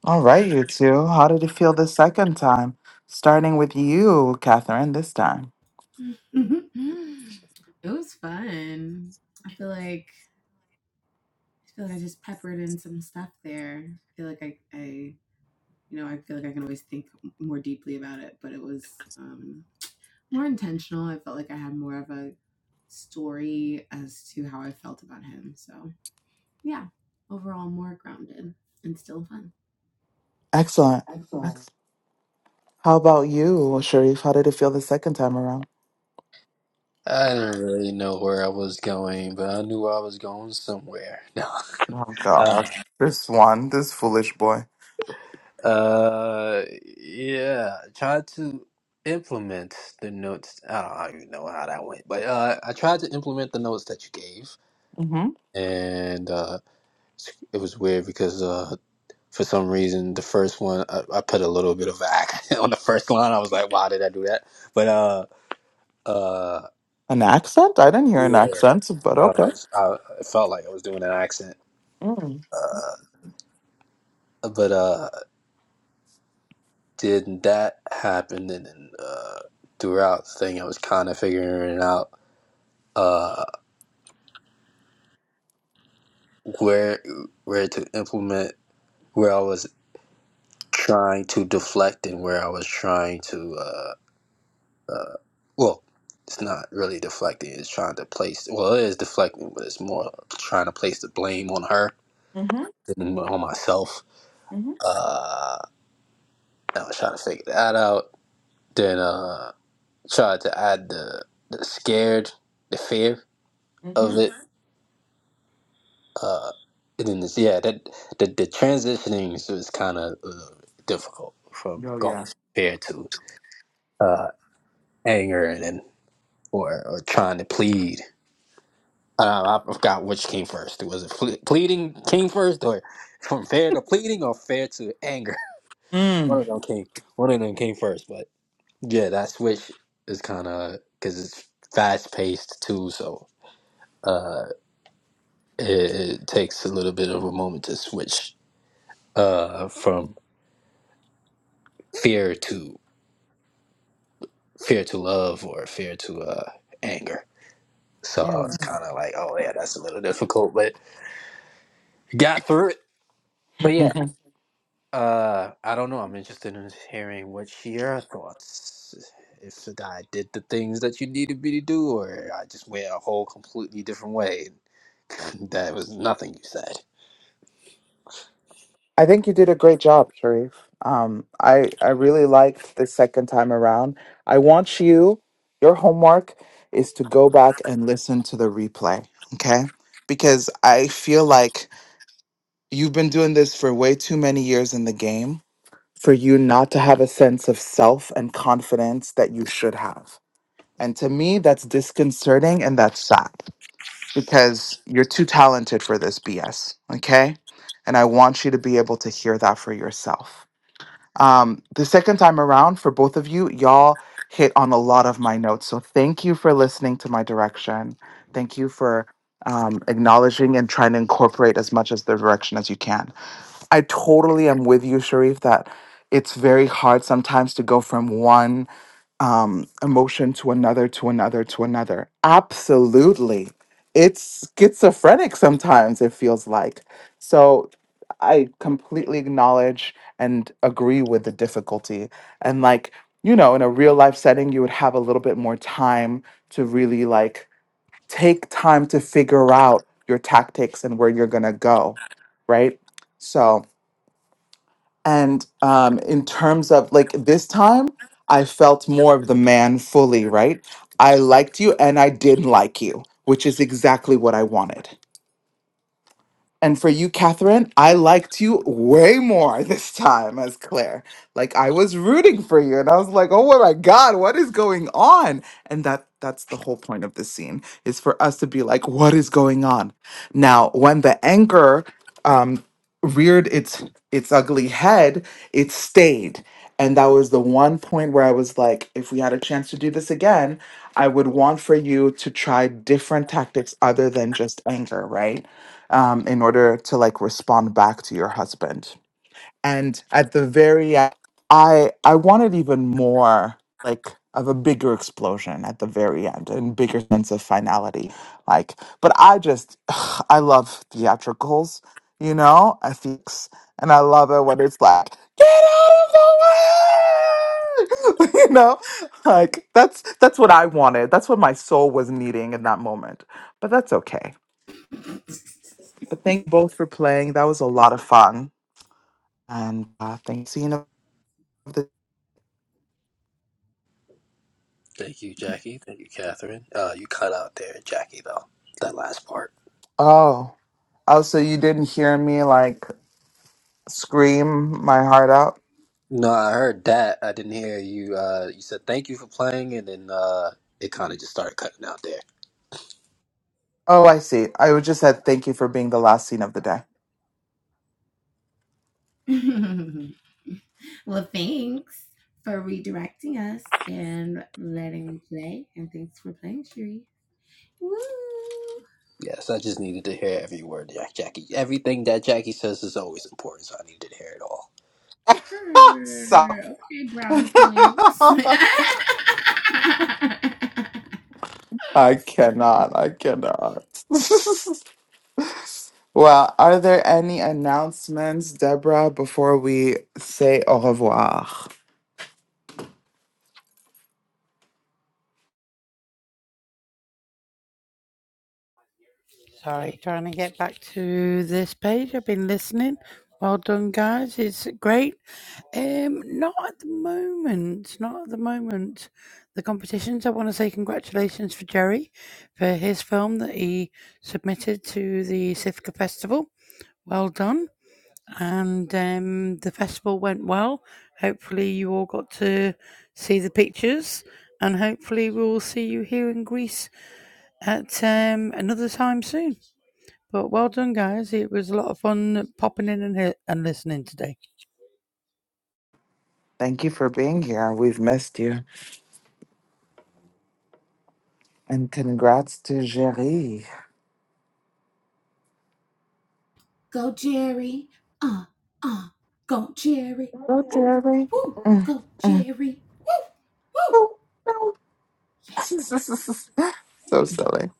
[SPEAKER 1] All right, you two. How did it feel the second time? Starting with you, Catherine, this time.
[SPEAKER 6] Mm-hmm. it was fun. I feel like I feel like I just peppered in some stuff there. I feel like I, I you know, I feel like I can always think more deeply about it, but it was um more intentional. I felt like I had more of a story as to how I felt about him. So, yeah, overall, more grounded and still fun.
[SPEAKER 1] Excellent. How about you, Sharif? How did it feel the second time around?
[SPEAKER 8] I didn't really know where I was going, but I knew I was going somewhere. No.
[SPEAKER 1] Oh
[SPEAKER 8] Uh,
[SPEAKER 1] gosh, this one, this foolish boy.
[SPEAKER 8] uh, yeah. tried to implement the notes. I don't, I don't even know how that went, but uh, I tried to implement the notes that you gave,
[SPEAKER 1] Mm-hmm.
[SPEAKER 8] and uh, it was weird because uh. for some reason the first one I, I put a little bit of an accent on the first line i was like why did i do that but uh uh
[SPEAKER 1] An accent? I didn't hear an
[SPEAKER 8] yeah
[SPEAKER 1] accent, but
[SPEAKER 8] uh,
[SPEAKER 1] okay.
[SPEAKER 8] I, it felt like i was doing an accent
[SPEAKER 1] Mm.
[SPEAKER 8] uh but uh did that happen and then uh throughout the thing i was kind of figuring out uh where where to implement where i was trying to deflect and where i was trying to uh, Uh, well, it's not really deflecting. It's trying to place. Well, it is deflecting, but it's more trying to place the blame on her
[SPEAKER 1] Mm-hmm.
[SPEAKER 8] than on myself.
[SPEAKER 1] Mm-hmm.
[SPEAKER 8] Uh, I was trying to figure that out. Then uh, tried to add the the scared, the fear of
[SPEAKER 1] Mm-hmm.
[SPEAKER 8] it. Uh, and then this, yeah, that the the transitioning was kind of uh, difficult from
[SPEAKER 1] Oh
[SPEAKER 8] going
[SPEAKER 1] yeah.
[SPEAKER 8] from fear to uh, anger and then or or trying to plead. Uh, I forgot which came first. Was it ple- pleading came first, or from fair to pleading, or fair to anger?
[SPEAKER 1] Mm.
[SPEAKER 8] One of them came. One of them came first. But yeah, that switch is kind of because it's fast paced too, so uh, it, it takes a little bit of a moment to switch uh, from fear to fear to love or fear to uh, anger. So I was
[SPEAKER 1] Mm.
[SPEAKER 8] kind of like, oh yeah, that's a little difficult, but got through it Uh, I don't know. I'm interested in hearing what your thoughts. If I did the things that you needed me to do, or I just went a whole completely different way. that was nothing you said.
[SPEAKER 1] I think you did a great job, Sharif. Um, I I really liked the second time around. I want you. Your homework is to go back and listen to the replay, okay? Because I feel like you've been doing this for way too many years in the game for you not to have a sense of self and confidence that you should have. And to me, that's disconcerting and that's sad because you're too talented for this BS. Okay. And I want you to be able to hear that for yourself. Um, the second time around, for both of you, y'all hit on a lot of my notes. So thank you for listening to my direction. Thank you for um, acknowledging and trying to incorporate as much as the direction as you can I totally am with you, Sharif, that it's very hard sometimes to go from one um, emotion to another, to another, to another. Absolutely. It's schizophrenic sometimes, it feels like. So I completely acknowledge and agree with the difficulty. And, like, you know, in a real life setting, you would have a little bit more time to really, like, take time to figure out your tactics and where you're going to go. Right. So, and um, in terms of like this time, I felt more of the man fully, right? I liked you and I did like you, which is exactly what I wanted. And for you, Catherine, I liked you way more this time as Claire. Like I was rooting for you, and I was like, "Oh my God, what is going on?" And that—that's the whole point of this scene is for us to be like, "What is going on?" Now, when the anchor um, reared its its ugly head, it stayed, and that was the one point where I was like, "If we had a chance to do this again, I would want for you to try different tactics other than just anger, right?" um, in order to like respond back to your husband. And at the very e- I I wanted even more like of a bigger explosion at the very end and bigger sense of finality. Like, but I just I love theatricals, you know, I think, and I love it when it's like get out of the way, you know, like that's that's what I wanted. That's what my soul was needing in that moment. But that's okay. But thank you both for playing. That was a lot of fun. And uh, thanks. You know, the-
[SPEAKER 8] Thank you, Jackie. Thank you, Catherine. Uh, you cut out there, Jackie, though. That last part.
[SPEAKER 1] oh, oh, so you didn't hear me like scream my heart out?
[SPEAKER 8] No, I heard that. I didn't hear you. Uh, you said thank you for playing, and then uh, it kind of just started cutting out there.
[SPEAKER 1] Oh, I see. I would just said thank you for being the last scene of the day.
[SPEAKER 6] well, thanks for redirecting us and letting me play. And thanks for playing, Cherie. Woo!
[SPEAKER 8] Yes, I just needed to hear every word, Jack- Jackie. Everything that Jackie says is always important, so I needed to hear it all.
[SPEAKER 6] Purr.
[SPEAKER 1] Stop.
[SPEAKER 6] Okay, brownie points.
[SPEAKER 1] I cannot. I cannot. well, are there any announcements, Deborah, before we say au revoir?
[SPEAKER 7] Sorry, trying to get back to this page. I've been listening. Well done, guys. It's great. Um, not at the moment. Not at the moment. The competitions. I want to say congratulations for Jerry for his film that he submitted to the Sifka Festival. Well done. And um, the festival went well. Hopefully, you all got to see the pictures, and hopefully, we'll see you here in Greece at um, another time soon. But well done, guys. It was a lot of fun popping in and, and listening today.
[SPEAKER 1] Thank you for being here. We've missed you. And congrats to Jerry.
[SPEAKER 6] go, Jerry. Uh, uh, go, Jerry.
[SPEAKER 1] Go,
[SPEAKER 6] Ooh,
[SPEAKER 1] Jerry.
[SPEAKER 6] ooh.
[SPEAKER 1] Mm,
[SPEAKER 6] Go,
[SPEAKER 1] mm.
[SPEAKER 6] Jerry. Woo, woo.
[SPEAKER 1] Oh, no.
[SPEAKER 6] Yeah.
[SPEAKER 1] so silly.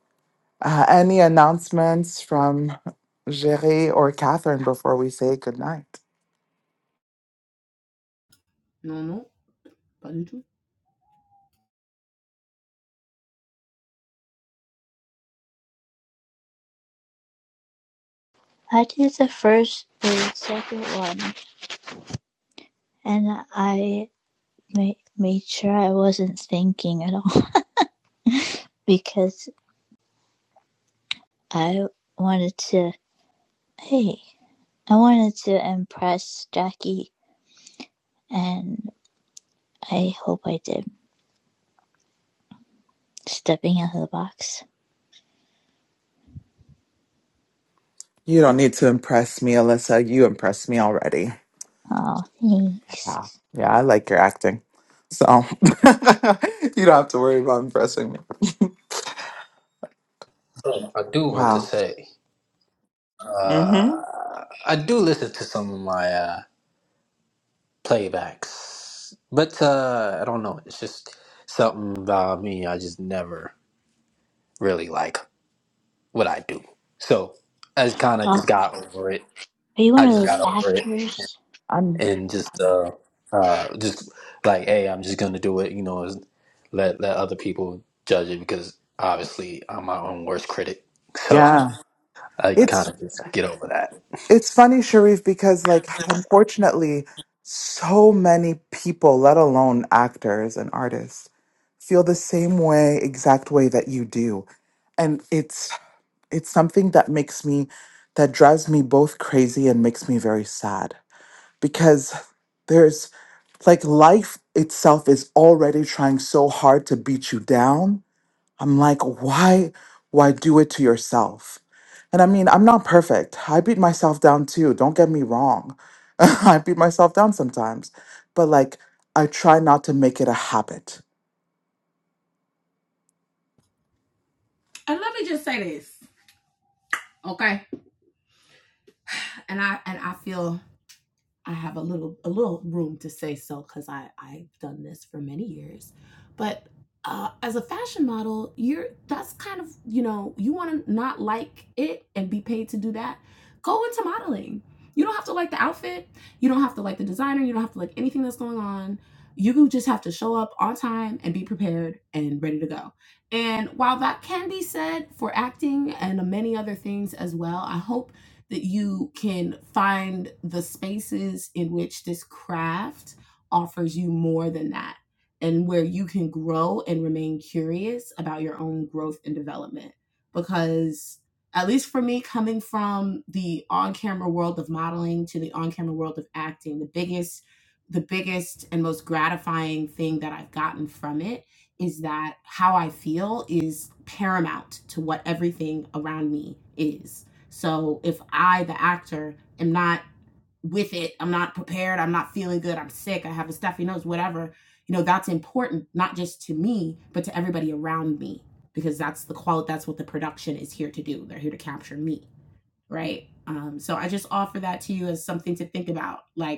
[SPEAKER 1] Uh, any announcements from Jerry or Catherine before we say goodnight?
[SPEAKER 6] non, non, pas du tout.
[SPEAKER 2] i did the first the second one and I made, made sure I wasn't thinking at all because I wanted to, hey, I wanted to impress Jackie, and I hope I did. Stepping out of the box.
[SPEAKER 1] You don't need to impress me, Alyssa. You impressed me already.
[SPEAKER 2] Oh, thanks.
[SPEAKER 1] Wow. Yeah, I like your acting. So you don't have to worry about impressing me.
[SPEAKER 8] Oh, I do want to
[SPEAKER 1] Wow.
[SPEAKER 8] say,
[SPEAKER 1] Mm-hmm.
[SPEAKER 8] uh, I do listen to some of my uh, playbacks, but uh, I don't know. It's just something about me. I just never really like what I do. So I just kind of
[SPEAKER 2] Oh,
[SPEAKER 8] just
[SPEAKER 2] are
[SPEAKER 8] got over it.
[SPEAKER 2] you one
[SPEAKER 8] I
[SPEAKER 2] of
[SPEAKER 8] just
[SPEAKER 2] those
[SPEAKER 8] got over it
[SPEAKER 2] actors?
[SPEAKER 1] I'm
[SPEAKER 8] and just, uh, uh, just like, hey, I'm just gonna do it. You know, is- let let other people judge it because obviously I'm my own worst critic. So
[SPEAKER 1] yeah.
[SPEAKER 8] I kind of just get over that.
[SPEAKER 1] It's funny, Sharif, because like unfortunately, so many people, let alone actors and artists, feel the same way, exact way that you do. And it's it's something that makes me that drives me both crazy and makes me very sad because there's like life itself is already trying so hard to beat you down I'm like, why, why do it to yourself? And I mean, I'm not perfect. I beat myself down too. Don't get me wrong. I beat myself down sometimes, but like, I try not to make it a habit.
[SPEAKER 6] And let me just say this, okay? And I and I feel I have a little a little room to say so because I I've done this for many years, but uh, as a fashion model, you're that's kind of you know you want to not like it and be paid to do that. Go into modeling. You don't have to like the outfit. You don't have to like the designer. You don't have to like anything that's going on. You just have to show up on time and be prepared and ready to go. And while that can be said for acting and many other things as well, I hope that you can find the spaces in which this craft offers you more than that and where you can grow and remain curious about your own growth and development because at least for me coming from the on-camera world of modeling to the on-camera world of acting the biggest the biggest and most gratifying thing that I've gotten from it is that how I feel is paramount to what everything around me is so if I, the actor, am not with it, I'm not prepared, I'm not feeling good, I'm sick, I have a stuffy nose, whatever, you know, that's important, not just to me, but to everybody around me, because that's the quality, that's what the production is here to do. They're here to capture me, right? Um, so I just offer that to you as something to think about. Like,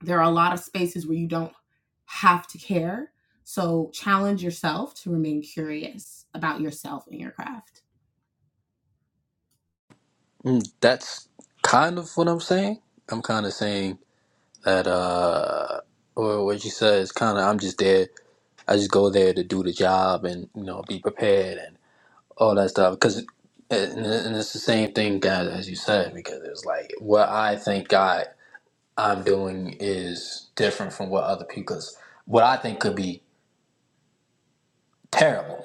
[SPEAKER 6] there are a lot of spaces where you don't have to care. So challenge yourself to remain curious about yourself and your craft.
[SPEAKER 8] Mm, That's kind of what I'm saying. I'm kind of saying that, uh, or what you said is kind of, I'm just there. I just go there to do the job and, you know, be prepared and all that stuff. Because, and, and it's the same thing, guys, as you said, because it's like what I think God I'm doing is different from what other people's, what I think could be terrible.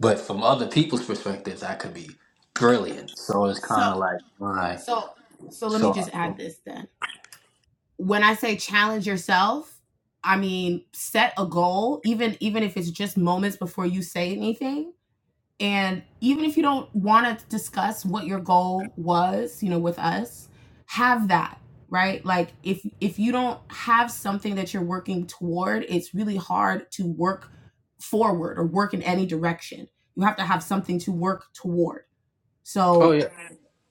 [SPEAKER 8] But from other people's perspectives, I could be brilliant. So it's
[SPEAKER 6] So
[SPEAKER 8] kind of like my,
[SPEAKER 6] so so let me
[SPEAKER 8] so,
[SPEAKER 6] just add this then. When I say challenge yourself, I mean set a goal even even if it's just moments before you say anything And even if you don't want to discuss what your goal was, you know, with us, have that, right? Like if if you don't have something that you're working toward, it's really hard to work forward or work in any direction. You have to have something to work toward.
[SPEAKER 8] oh
[SPEAKER 6] So,
[SPEAKER 8] yeah.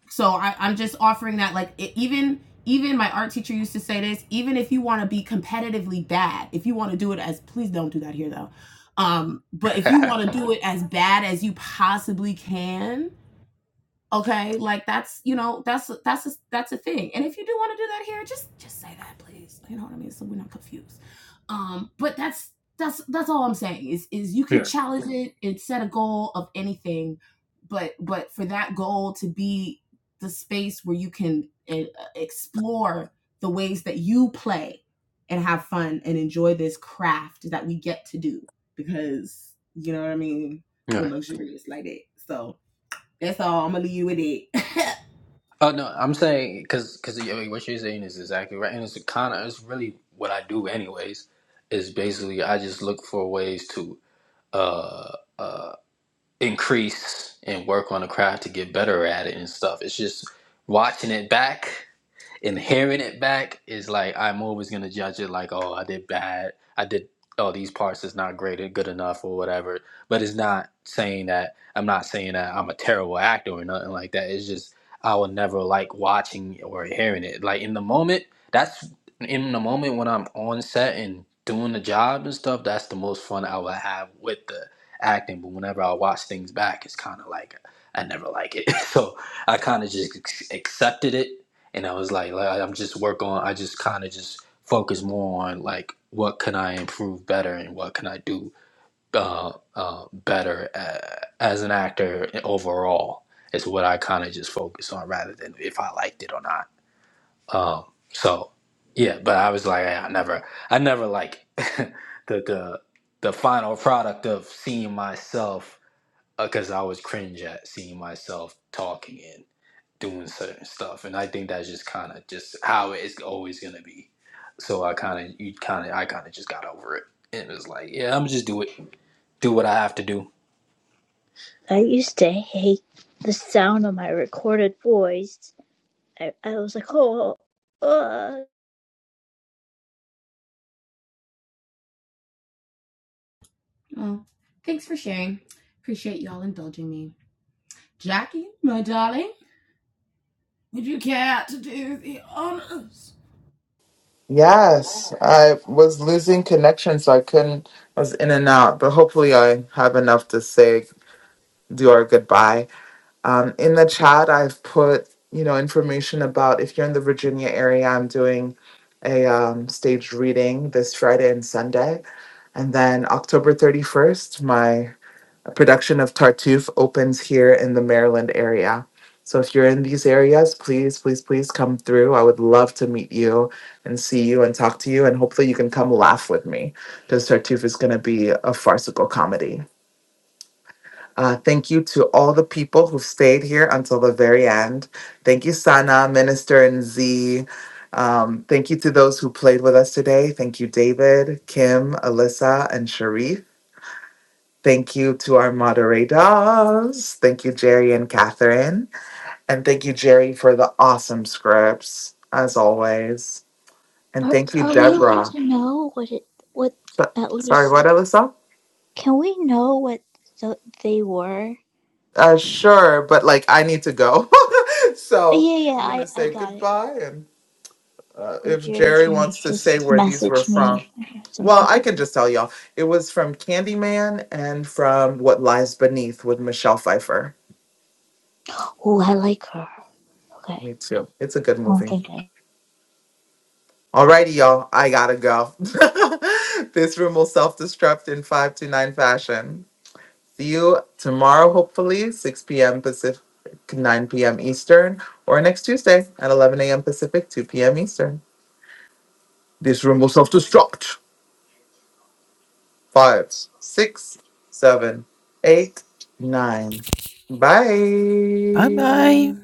[SPEAKER 6] so I, i'm just offering that like it, even even my art teacher used to say this even if you want to be competitively bad if you want to do it as please don't do that here though um but if you want to do it as bad as you possibly can Okay, like that's you know that's that's a, that's a thing. And if you do want to do that here, just just say that, please. You know what I mean? So we're not confused. Um, but that's that's that's all I'm saying is is you
[SPEAKER 8] yeah.
[SPEAKER 6] could challenge it and set a goal of anything, but but for that goal to be the space where you can uh, explore the ways that you play and have fun and enjoy this craft that we get to do because you know what I mean. We're
[SPEAKER 8] Yeah.
[SPEAKER 6] luxurious like it. So that's all. I'm gonna leave you with it.
[SPEAKER 8] Oh no, I'm saying because because what you're saying is exactly right, and it's kind of it's really what I do anyways. Is basically I just look for ways to uh uh increase and work on the craft to get better at it and stuff. It's just watching it back. and hearing it back is like I'm always gonna judge it like, oh, I did bad. I did oh these parts is not great or good enough or whatever. But it's not saying that I'm not saying that I'm a terrible actor or nothing like that. It's just I will never like watching or hearing it. Like in the moment, that's in the moment when I'm on set and doing the job and stuff, that's the most fun I will have with the acting. But whenever I watch things back, it's kinda like I never like it. so I kind of just ac- accepted it and I was like, like I'm just work on. I just kind of just focus more on like what can I improve better and what can I do uh, uh, better uh, as an actor overall is what I kind of just focus on rather than if I liked it or not. Um, so yeah, but I was like, I never, I never like the the the final product of seeing myself because I was cringe at seeing myself talking doing certain stuff and i think that's just kind of just how it's always going to be so i kind of you kind of i kind of just got over it and it was like yeah i'm just do it do what i have to do
[SPEAKER 2] I used to hate the sound of my recorded voice. I, I was like, oh, uh.
[SPEAKER 6] Well, thanks for sharing. Appreciate y'all indulging me. Jackie, my darling,
[SPEAKER 1] Yes, I was losing connection, so I couldn't. I was in and out, but hopefully, I have enough to say, do our goodbye. Um, in the chat, I've put you know information about if you're in the Virginia area. I'm doing a um, staged reading this Friday and Sunday, and then October 31st, my production of Tartuffe opens here in the Maryland area. So if you're in these areas, please, please, please come through. I would love to meet you and see you and talk to you, and hopefully you can come laugh with me because Tartuffe is going to be a farcical comedy. Uh, thank you to all the people who stayed here until the very end. Thank you, Sana, Minister, and Z. Um, thank you to those who played with us today. Thank you, David, Kim, Alyssa, and Sharif. Thank you to our moderators. Thank you, Jerry and Catherine. And thank you, Jerry, for the awesome scripts, as always. And
[SPEAKER 2] are,
[SPEAKER 1] thank you,
[SPEAKER 2] are we allowed
[SPEAKER 1] Deborah.
[SPEAKER 2] to know what it, what
[SPEAKER 1] So-
[SPEAKER 2] at
[SPEAKER 1] sorry,
[SPEAKER 2] least
[SPEAKER 1] what, Alyssa?
[SPEAKER 2] Can we know what th- they were?
[SPEAKER 1] Uh, sure, but like I need to go.
[SPEAKER 2] Oh,
[SPEAKER 1] so
[SPEAKER 2] Yeah, yeah,
[SPEAKER 1] I'm going
[SPEAKER 2] I,
[SPEAKER 1] to
[SPEAKER 2] I
[SPEAKER 1] say
[SPEAKER 2] got it.
[SPEAKER 1] goodbye and. Uh,
[SPEAKER 2] Or
[SPEAKER 1] if
[SPEAKER 2] Jerry
[SPEAKER 1] Jerry
[SPEAKER 2] can
[SPEAKER 1] wants to say
[SPEAKER 2] just
[SPEAKER 1] where these were
[SPEAKER 2] message
[SPEAKER 1] from,
[SPEAKER 2] me or
[SPEAKER 1] well,
[SPEAKER 2] something.
[SPEAKER 1] I can just tell y'all. It was from Candyman and from What Lies Beneath with Michelle Pfeiffer.
[SPEAKER 2] Oh, I like her. Okay.
[SPEAKER 1] Me too. It's a good
[SPEAKER 2] I don't
[SPEAKER 1] movie.
[SPEAKER 2] think I
[SPEAKER 1] Alrighty, y'all. I gotta go. this room will self destruct in 5 to 9 fashion. See you tomorrow, hopefully, 6 p.m. Pacific, 9 p.m. Eastern, or next Tuesday at 11 a.m. Pacific, 2 p.m. Eastern. This room will self destruct. five, six, seven, eight, nine.
[SPEAKER 7] Bye bye.
[SPEAKER 1] Bye.